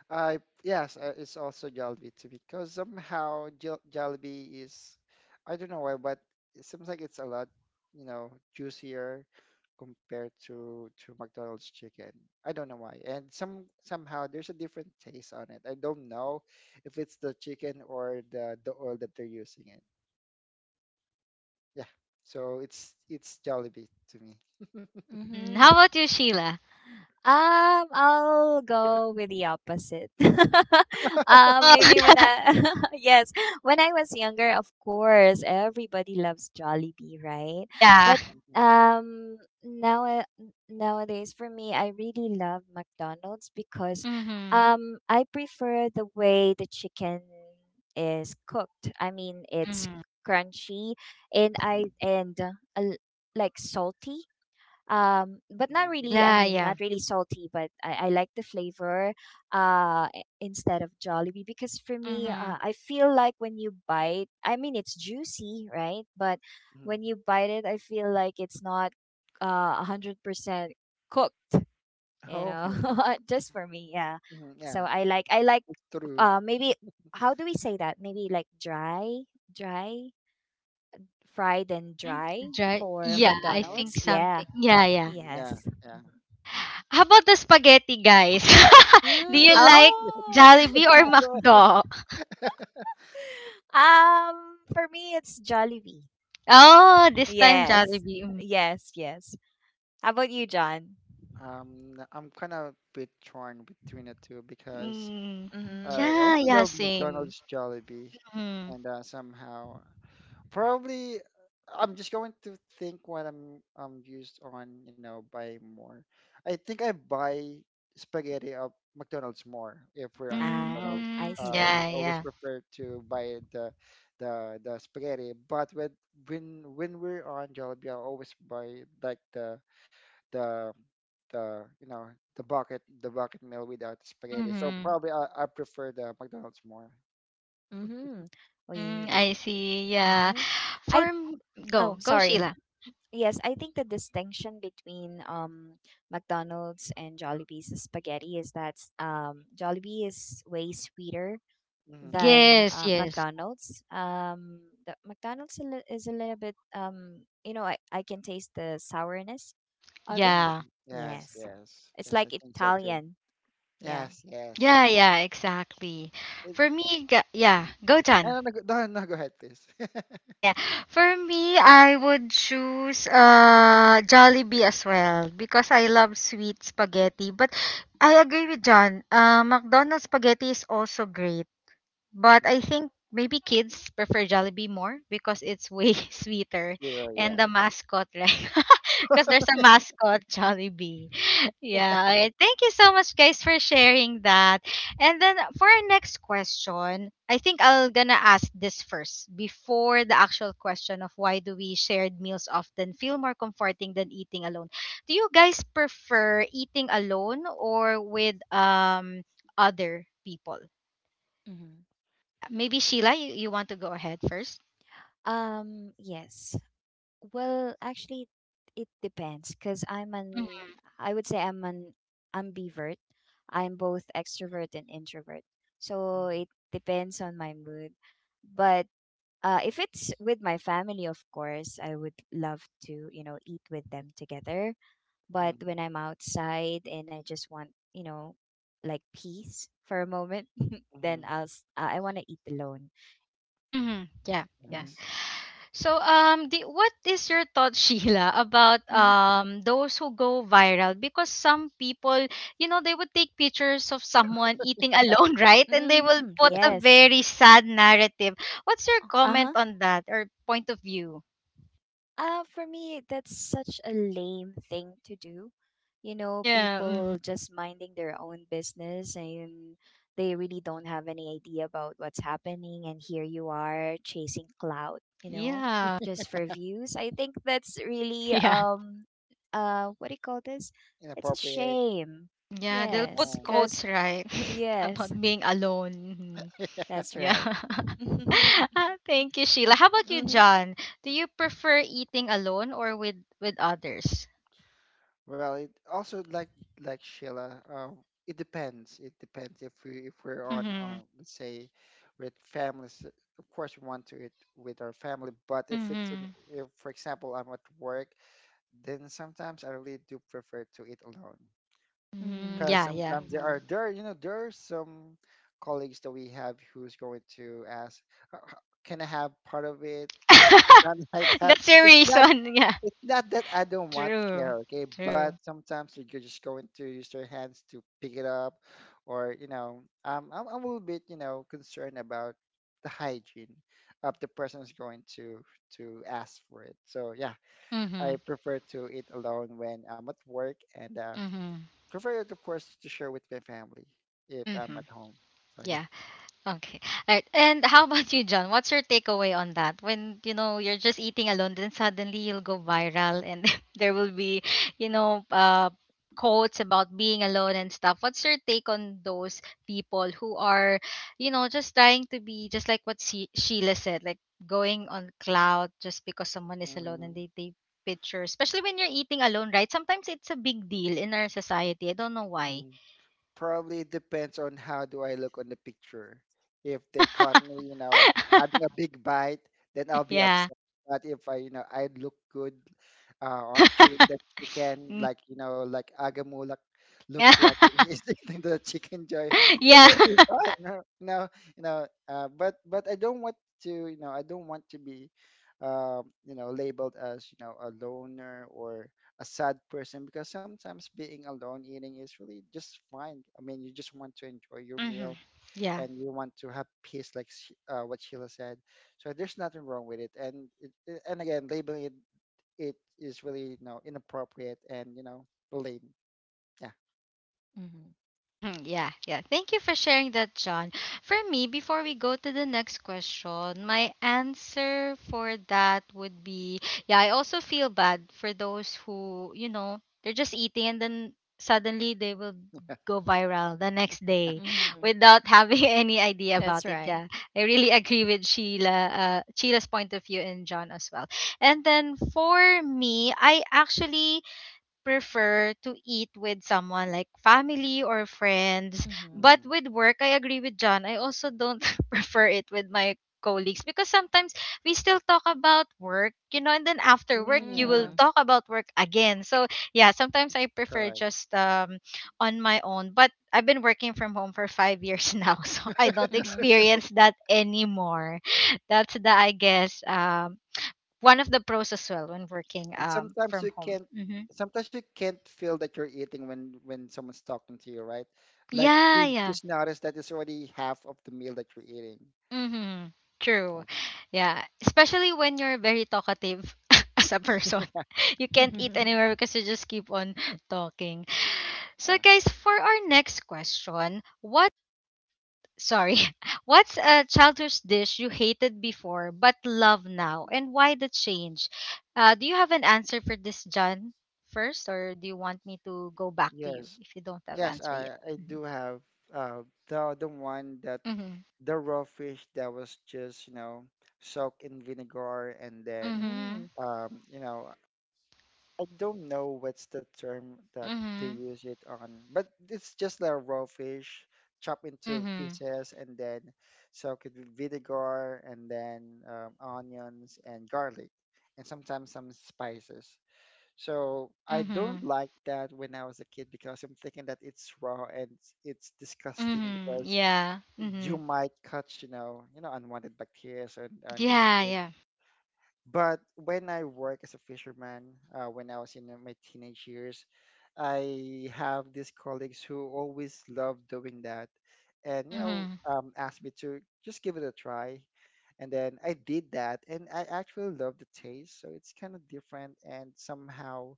I Yes, it's also Jollibee to me, because somehow Jollibee is, I don't know why, but it seems like it's a lot, you know, juicier compared to McDonald's chicken. I don't know why, and somehow there's a different taste on it. I don't know if it's the chicken or the oil that they're using it. Yeah, so it's Jollibee to me.
Hmm. How
Mm-hmm.
about you, Sheila?
I'll go with the opposite. Um,
Oh,
maybe when I yes, when I was younger, of course, everybody loves Jollibee, right?
yeah.
But
Mhm,
um, now nowadays for me, I really love McDonald's because
Mhm.
I prefer the way the chicken is cooked. I mean, it's
Mhm.
crunchy and
mhm,
I and uh, a l- like salty um, but not
mhm,
really, I
Yeah,
mean
yeah.
not really salty but I like the flavor uh i- instead of jollibee because for me
Mhm.
I feel like when you bite I mean it's juicy right but
mhm.
when you bite it I feel like it's not 100% cooked you
Oh,
know
yeah.
just for me yeah
Mhm,
so
yeah.
I like
It's true.
maybe how do we say that maybe like dry dry fried and
Mhm.
dry
Dry.
for
Yeah, I think
mcdonald's
Mhm.
yeah
something. Yeah, yeah.
Yeah,
yes.
yeah.
How about the spaghetti, guys? Do
Mm,
you like
oh.
Jollibee or McDo?
For me, it's Jollibee.
Oh, this time
Yes,
Jollibee. Mm.
yes, yes. How about you, John?
I'm kind of a bit torn between the two, because
Mm.
Mm-hmm.
I
Yeah,
also
yeah,
love
same.
McDonald's Jollibee,
Mm.
and somehow Probably, I'm just going to think what I'm, used on, buying more. I think I buy spaghetti at McDonald's more if we're on
Oh,
McDonald's.
I
Mm.
see.
I
Yeah,
always
yeah.
prefer to buy the spaghetti, but when we're on Jollibee, I always buy like the the the bucket meal without spaghetti. So
Mhm.
probably, I prefer the McDonald's more.
Mm-hmm.
Mm,
We.
I see. Yeah.
Mm-hmm. I.
For m-
Oh,
go, go
sorry.
Sheila.
Yes, I think the distinction between um, McDonald's and Jollibee's spaghetti is that um, Jollibee is way sweeter
Hmm.
than
Yes, yes.
McDonald's. The McDonald's a li- is a little bit um, you know I can taste the sourness of it.
Hmm.
Yeah.
Yes,
Yes,
yes,
it's
yes. I
like
think so too.
Italian. Yeah.
Yes, yes.
Yeah, yeah, exactly.
It,
For me, ga- yeah,
mm.
go John.
No, no, go- No, no, go ahead, please.
Okay, yeah. For me, I would choose Jollibee as well because I love sweet spaghetti. But I agree with John. McDonald's spaghetti is also great. But
Mm.
I think maybe kids prefer Jollibee more because it's way sweeter
Hero,
and the
yes.
mascot, right? Because there's a mascot, Jollibee. Yeah. Alright. Thank you so much, guys, for sharing that. And then for our next question, I think I'll gonna ask this first before the actual question of why do we shared meals often feel more comforting than eating alone. Do you guys prefer eating alone or with other people?
Hmm.
Yeah, maybe Sheila, you, want to go ahead first?
Yes. Well, actually, it depends because I would say I'm an ambivert. I'm both extrovert and introvert. So
Mm-hmm.
it depends on my mood. But if it's with my family, of course, I would love to, you know, eat with them together. But when I'm outside and I just want, you know, like peace for a moment, then
Mm-hmm.
I want to eat alone.
Mm-hmm. Yeah, yeah.
Mm-hmm.
Yes.
So, what is your thought, Sheila, about
Mm-hmm.
those who go viral? Because some people, you know, they would take pictures of someone eating alone, right? And they will
Mm-hmm.
put
Yeah.
a
Yes.
very sad narrative. What's your comment
Uh-huh.
on that or point of view?
For me, that's such a lame thing to do. You know,
Yeah. Mhm.
people just minding their own business and they really don't have any idea about what's happening. And here you are chasing clout, you know,
Yeah.
just for views. I think that's really,
Yeah.
what do you call this? It's a
Inappropriate.
shame.
Yeah. They'll
Yeah.
Yes,
put
No.
because,
quotes, right,
yes,
about being alone. Mhm.
that's
Yeah.
right. Mm-hmm,
Ah, thank you, Sheila. How about you, John? Do you prefer eating alone or with others?
Well, it also like Sheila. It depends. It depends if we're on,
Mm-hmm.
let's say, with families. Of course, we want to eat with our family. But if it's,
Mm-hmm.
if for example I'm at work, then sometimes I really do prefer to eat alone.
Mm-hmm.
mm-hmm,
Because
Yeah, yeah.
sometimes there
mm-hmm,
are, there you know there are some colleagues that we have who's going to ask, "Uh, uh, can I have part of it, or something like that?"
That's your
it's not
reason. Yeah.
it's not that I don't want to
True.
share, okay. But
True.
sometimes you're just going to use your hands to pick it up, or, I'm a little bit, concerned about the hygiene of the person who's going to ask for it, so yeah,
Mm-hmm.
I prefer to eat alone when I'm at work, and
Mm-hmm.
prefer it, of course, to share with my family if I'm
Mm-hmm.
at home. So yeah.
Yeah. Okay. All right. And how about you, John? What's your takeaway on that? When, you know, you're just eating alone, then suddenly you'll go viral and there will be, you know, uh, quotes about being alone and stuff. What's your take on those people who are, you know, just trying to be just like what Sheila said, like going on cloud just because someone is alone
Mm-hmm.
and they take pictures, especially when you're eating alone, right? Sometimes it's a big deal in our society. I don't know why.
Probably depends on how do I look on the picture. If they caught me, having a big bite, then I'll be
Yeah.
upset. But if I look good, uh, on chewing the chicken, like, like Agamulak looks like when he's eating the chicken joy, then
Yeah.
that'll be fine. No, But I don't want to, I don't want to be, labeled as, a loner or a sad person, because sometimes being alone eating is really just fine. I mean, you just want to enjoy your
Hmm.
meal,
Yeah.
and you want to have peace, like what Sheila said. So there's nothing wrong with it. And and again, labeling it, is really, inappropriate, and, lame. Yeah.
Hmm. Yeah. Yeah. Thank you for sharing that, John. For me, before we go to the next question, my answer for that would be yeah, I also feel bad for those who, you know, they're just eating and then suddenly they will go viral the next day
mm-hmm.
without having any idea
That's
about it.
right.
Yeah. I really agree with Sheila, Sheila's point of view and John as well. And then for me, I actually prefer to eat with someone like family or friends.
Mhm.
But
Mm.
with work, I agree with John. I also don't prefer it with my colleagues because sometimes we still talk about work, you know, and then after work
Mm,
you will
yeah.
Mhm.
talk about work again. So yeah, sometimes I prefer
Correct.
just on my own. But I've been working from home for 5 years now, so I don't
Mhm.
experience that anymore. That's the I guess one of the pros as well when working
And sometimes
from
you
home.
can't
Hmm.
sometimes you can't feel that you're eating when someone's talking to you, right? Like,
Yeah,
you
yeah.
just notice that it's already half of the meal that you're eating.
Mm-hmm. True. Yeah. Especially when you're very talkative as a person. You can't eat
Mhm.
anywhere because you just keep on talking. So
Yeah.
guys, for our next question, sorry, what's a childhood dish you hated before but love now and why the change? Do you have an answer for this, John? First, or do you want me to go back to you
Yes,
if you don't have
yes.
answer yet?
I
Mm-hmm.
do have, uh the the one that the raw fish that was just, soaked in vinegar, and then,
Mm-hmm.
Mm.
um, you know, I don't know what's the term that they
Mm-hmm.
use it on, but it's just like raw fish chopped into
Mm-hmm.
pieces, and then soaked with vinegar, and then, onions and garlic, and sometimes some spices. So I don't
Mm-hmm.
like that when I was a kid, because I'm thinking that it's raw and it's disgusting,
Mm-hmm.
because
Yeah.
you
Mm-hmm.
might catch, unwanted bacteria on that
Yeah,
food.
yeah.
But when I work as a fisherman, when I was in, my teenage years, I have these colleagues who always love doing that, and,
Mm-hmm.
asked me to just give it a try, and then I did that, and I actually love the taste. So it's kind of different, and somehow,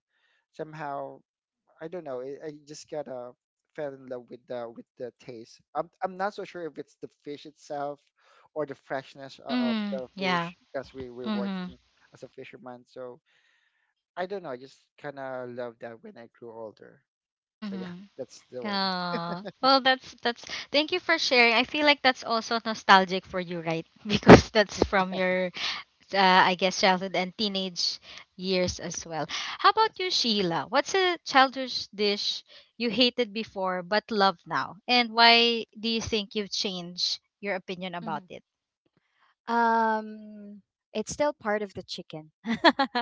somehow I don't know. I just kind of fell in love with the taste. I'm not so sure if it's the fish itself or the freshness of
Mm-hmm.
the
Yeah.
fish, because we're
Mm-hmm.
working as a fisherman. So I don't know. I just kind of love that when I grew older. So yeah,
Mm-hmm.
that's the one.
Oh, well, that's. Thank you for sharing. I feel like that's also nostalgic for you, right? Because that's from your, I guess, childhood and teenage years as well. How
Yes.
about you, Sheila? What's a childish dish you hated before but love now, and why do you think you've changed your opinion about
Mhm.
it?
Um, it's still part of the chicken,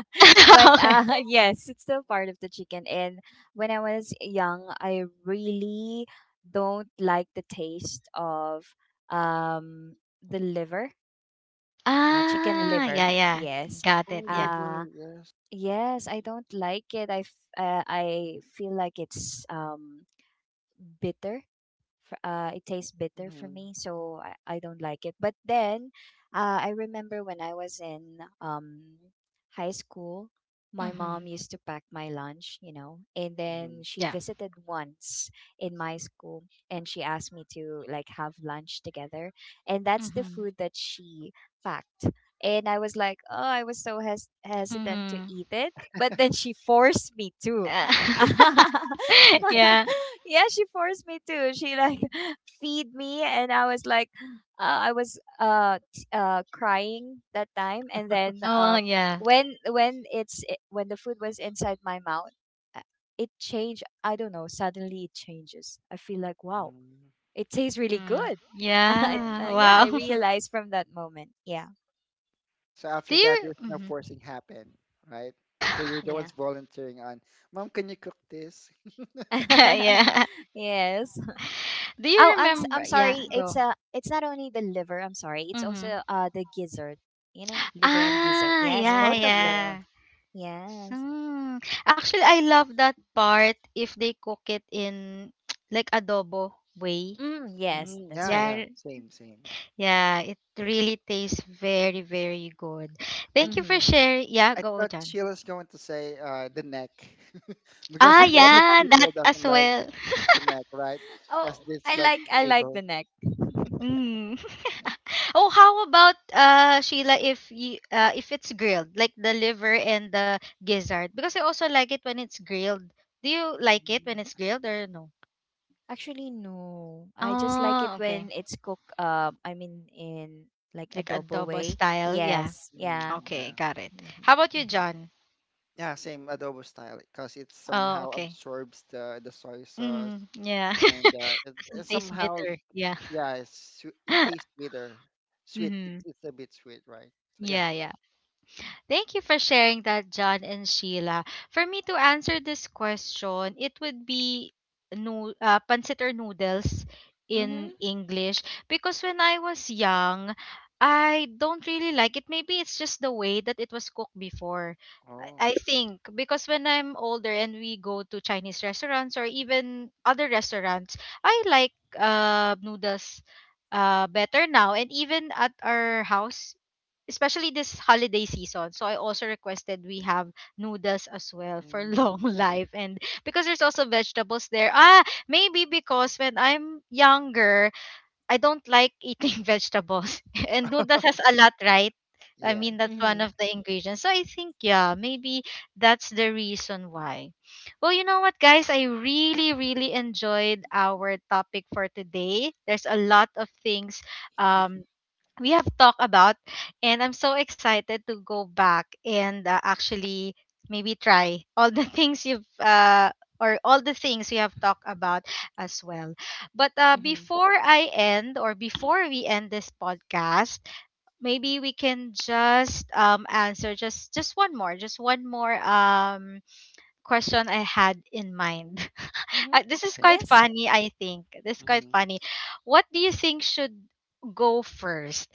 but
Yeah. Okay.
yes, it's still part of the chicken. And when I was young, I really don't like the taste of um the liver, chicken
Ah,
liver.
yeah, yeah.
Yes,
Got
Oh,
it. Yeah.
uh,
liver. Yes.
yes, I don't like it. I feel like it's um, bitter it tastes bitter for
Mm-hmm.
me, so I don't like it. But then, I remember when I was in high school, my
Mhm.
mom used to pack my lunch, you know, and then
Mm-hmm.
she
Yeah.
visited once in my school and she asked me to like have lunch together. And that's the
Mhm.
food that she packed. And I was like, oh, I was so hesitant to
Mhm.
eat it. But then she forced me to.
Uh,
Yeah,
yeah.
she forced me to. She like feed me, and I was like, I was crying that time, and then
Oh,
um,
yeah.
when the food was inside my mouth, uh, it changed. I don't know. Suddenly it changes. I feel like wow, it tastes really
Mhm.
good.
Yeah.
Yeah, I
Mm-hmm.
Wow.
realized from that moment. Yeah,
So
Do
after that,
you
there's no
Mhm.
forcing happen, right? So you're the
yeah.
ones volunteering on, Mom, can you cook this?
Yeah.
Yes.
Do you
Oh, I'm
remember? Yeah,
sorry.
go.
It's not only the liver. I'm sorry. It's
Mhm.
also uh, the gizzard. You know, liver and gizzard.
Ah,
Yes,
yeah,
both
Oh,
of them.
yeah.
yeah.
Yes.
Hmm. Actually, I love that part if they cook it in like adobo way.
Mm, yes,
Mm,
that's
yeah,
right.
yeah,
Yeah.
same, same.
Yeah, it really tastes very, very good.
I
Thank you for
Mhm.
sharing. Yeah,
I
go,
thought
John.
she was going to say, the neck, because
Ah,
a lot of
yeah, that
people
as
doesn't love
well.
the neck, right?
Oh,
Because it's like
I
pure
like
bone.
the neck.
Mm. Oh, how about Sheila if you if it's grilled, like the liver and the gizzard? Because I also like it when it's grilled. Do you like it
Mm,
when it's grilled or no?
Actually, no. I just like it
Oh, okay.
when it's cooked. I mean, in like
Like
adobo
adobo
way.
style. Yeah.
Yes. Yeah.
mm.
Okay,
Yeah,
got it. How
Mhm.
about you,
Mhm.
John?
yeah, same adobo style, because it
Oh,
somehow
okay.
absorbs the soy sauce,
Mm, yeah.
and, it, it
Doesn't taste
somehow
bitter. Yeah.
yeah, it tastes bitter, sweet.
Mm-hmm.
It's a bit sweet, right? So yeah.
Yeah, yeah. Thank you for sharing that, John and Sheila. For me to answer this question, it would be no, pancit or noodles in
Mhm.
English because when I was young, I don't really like it. Maybe it's just the way that it was cooked before. I
Oh.
think because when I'm older and we go to Chinese restaurants or even other restaurants, I like noodles better now. And even at our house, especially this holiday season. So I also requested we have noodles as well for long
Mm,
life and because there's also vegetables there. Ah, maybe because when I'm younger, I don't like eating vegetables. And noodles has a lot, right? I
yeah.
mean, that's one
Mhm.
of the ingredients. So I think, yeah, maybe that's the reason why. Well, you know what, guys? I really, really enjoyed our topic for today. There's a lot of things um, we have talked about and I'm so excited to go back and actually maybe try all the things you've or all the things we have talked about as well, but
Mhm.
before I end or before we end this podcast, maybe we can just answer just one more question I had in mind.
Mhm.
This is
Okay.
quite
Yes.
funny, I think. This is quite
Mm-hmm.
funny. What do you think should go first?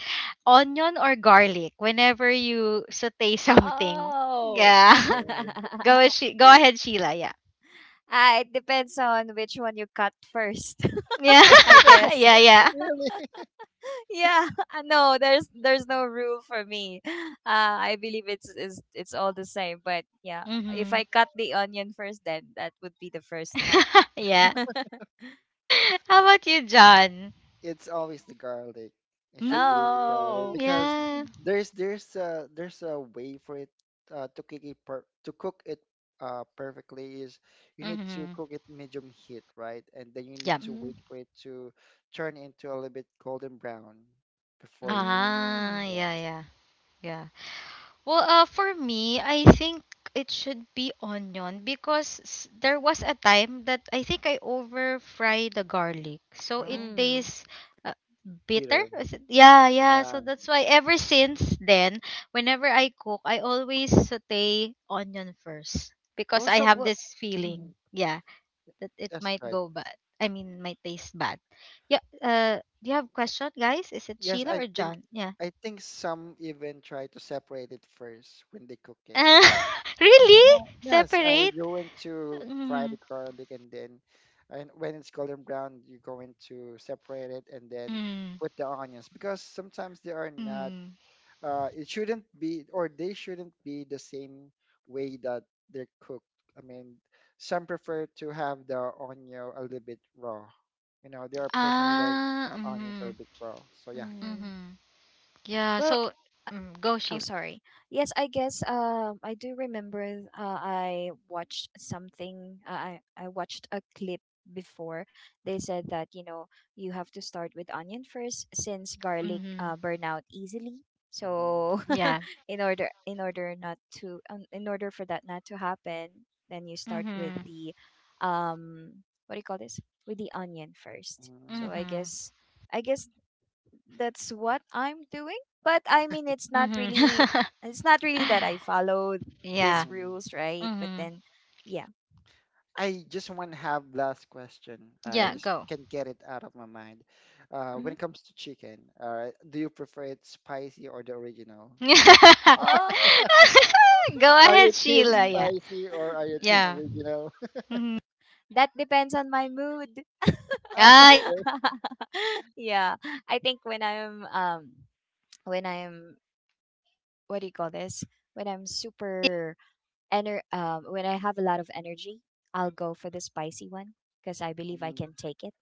Onion or garlic whenever you saute something?
Oh.
Yeah.
Oh.
Go ahead Sheila. Yeah.
Ah, it depends on which one you cut first,
Yeah.
I guess.
Yeah, yeah.
Really?
Yeah, no, there's no rule for me. I believe it's all the same. But yeah, if
Mhm.
I cut the onion first, then that would be the first one.
Yeah. How about you, John?
It's always the garlic. It should be the garlic,
Mm,
Oh.
because
yeah.
there's a way for it, to cook it, perfectly, is you need to
Mhm.
cook it medium heat, right? And then you need
Yeah.
to
Mm,
wait for it to turn into a little bit golden brown before you can.
Ah,
mm,
yeah,
Yes.
yeah. Yeah. Well, for me, I think it should be onion because there was a time that I think I over fry the garlic, so it
Oh,
mm.
tastes uh, bitter.
bitter.
Is it- Yeah, yeah. So
Yeah.
that's why ever since then, whenever I cook, I always saute onion first because
Or
I
some.
have
Well,
this
mm,
feeling,
Mhm,
yeah, that it
that's
might
right.
go bad. I mean, might taste bad. Yeah. Do you have question, guys? Is it
Yes,
Sheila
I
or
think,
John? Yeah.
some even try to separate it first when they cook it.
mm, mm.
Really?
Well, yes,
Separate?
you went to fry
Mm,
the garlic, and then, and when it's golden brown, you're going to separate it, and then
mm,
put the onions, because sometimes they are not,
mm.
it shouldn't be or they shouldn't be the same way that they're cooked. I mean, some prefer to have the onion a little bit raw. You know, there are person who love
Ah,
onions a
mm,
little bit raw. So yeah.
Mm.
mm. Yeah,
Well,
so mm, go
oh,
Sheila.
sorry. Yes, I guess um, I do remember I watched a clip before. They said that, you know, you have to start with onion first since garlic
Mm-hmm.
burn out easily.
Mm-hmm.
So
Yeah.
in order not to in order for that not to happen, then you start with
Mm-hmm.
the um, what do you call this? With the onion first. So
Mm-hmm.
I
Mm-hmm.
guess I guess that's what I'm doing. But I mean,
Mm-hmm.
it's not really that I follow
Yeah.
these
Mm-hmm.
rules, right? But
Mm-hmm.
then, yeah.
I just want to have last question. I
Yeah,
Mm-hmm,
just
go.
can't get it out of my mind. When
mm-hmm.
it comes to chicken, do you prefer it spicy or the original?
Oh,
Go
Are you
ahead,
team
Sheila. Yeah.
spicy, or are you team
Yeah.
original?
Mm-hmm.
that depends on my mood.
Ah,
Ah, yeah,
okay.
yeah.
Yeah, I think when I'm what do you call this? When I'm super when I have a lot of energy, I'll go for the spicy one because I believe I
Mm,
can take it.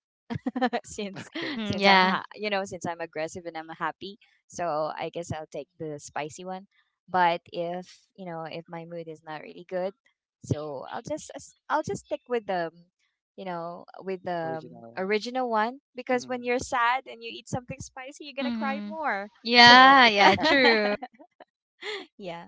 since
okay.
Mm-hmm.
since
Yeah.
you know since I'm aggressive and I'm happy, so I guess I'll take the spicy one. But if you know if my mood is not really good, so I'll just stick with the you know with the
Original.
original one because when
Hmm.
you're sad and you eat something spicy, you're gonna cry
Mm-hmm.
more. So
Yeah, yeah, true.
yeah.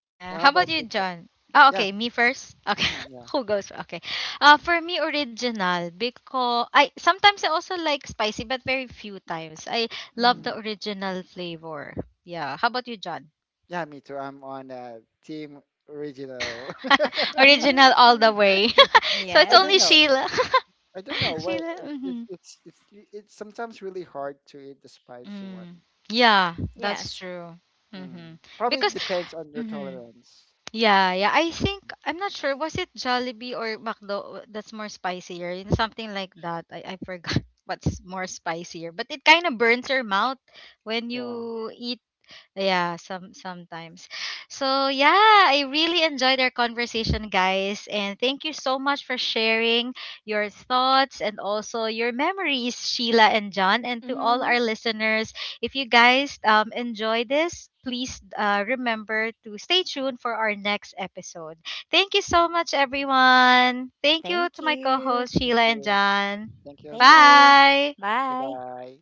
Yeah.
How
How
about
about you,
you, Jeff?
John? Oh,
Yeah.
okay. Me first. Okay.
Hmm. Yeah.
Okay. For me, original because I sometimes I also like spicy, but very few times. I love the
Hmm.
original flavor. Yeah. How about you, John?
Yeah, me too. I'm on, team original.
Original all
Mm-hmm.
the way. So
I
it's
don't
only
Yes.
know.
Sheila.
I don't know why
Sheila.
it-
Hmm.
it's it's it's it's sometimes really hard to eat the spicy one.
Mm. Yeah,
Yes.
that's true. Mm-hmm.
Mm. Probably
Because.
depends on your
Mm-hmm.
tolerance.
Yeah, yeah. I think I'm not sure. Was it Jollibee or McDo that's more spicier? You know, something like that. I forgot what's more spicier. But it kind of burns your mouth when
Yeah.
you eat yeah, some sometimes. So yeah, I really enjoyed our conversation, guys, and thank you so much for sharing your thoughts and also your memories, Sheila and John, and to all
Mhm.
our listeners. If you guys enjoy this, please remember to stay tuned for our next episode. Thank you so much, everyone. Thank you
Thank
to my
you.
co-hosts
Thank
Sheila and
you.
John.
Thank you as
Thank
well.
you.
Bye.
Bye
Bye.
bye.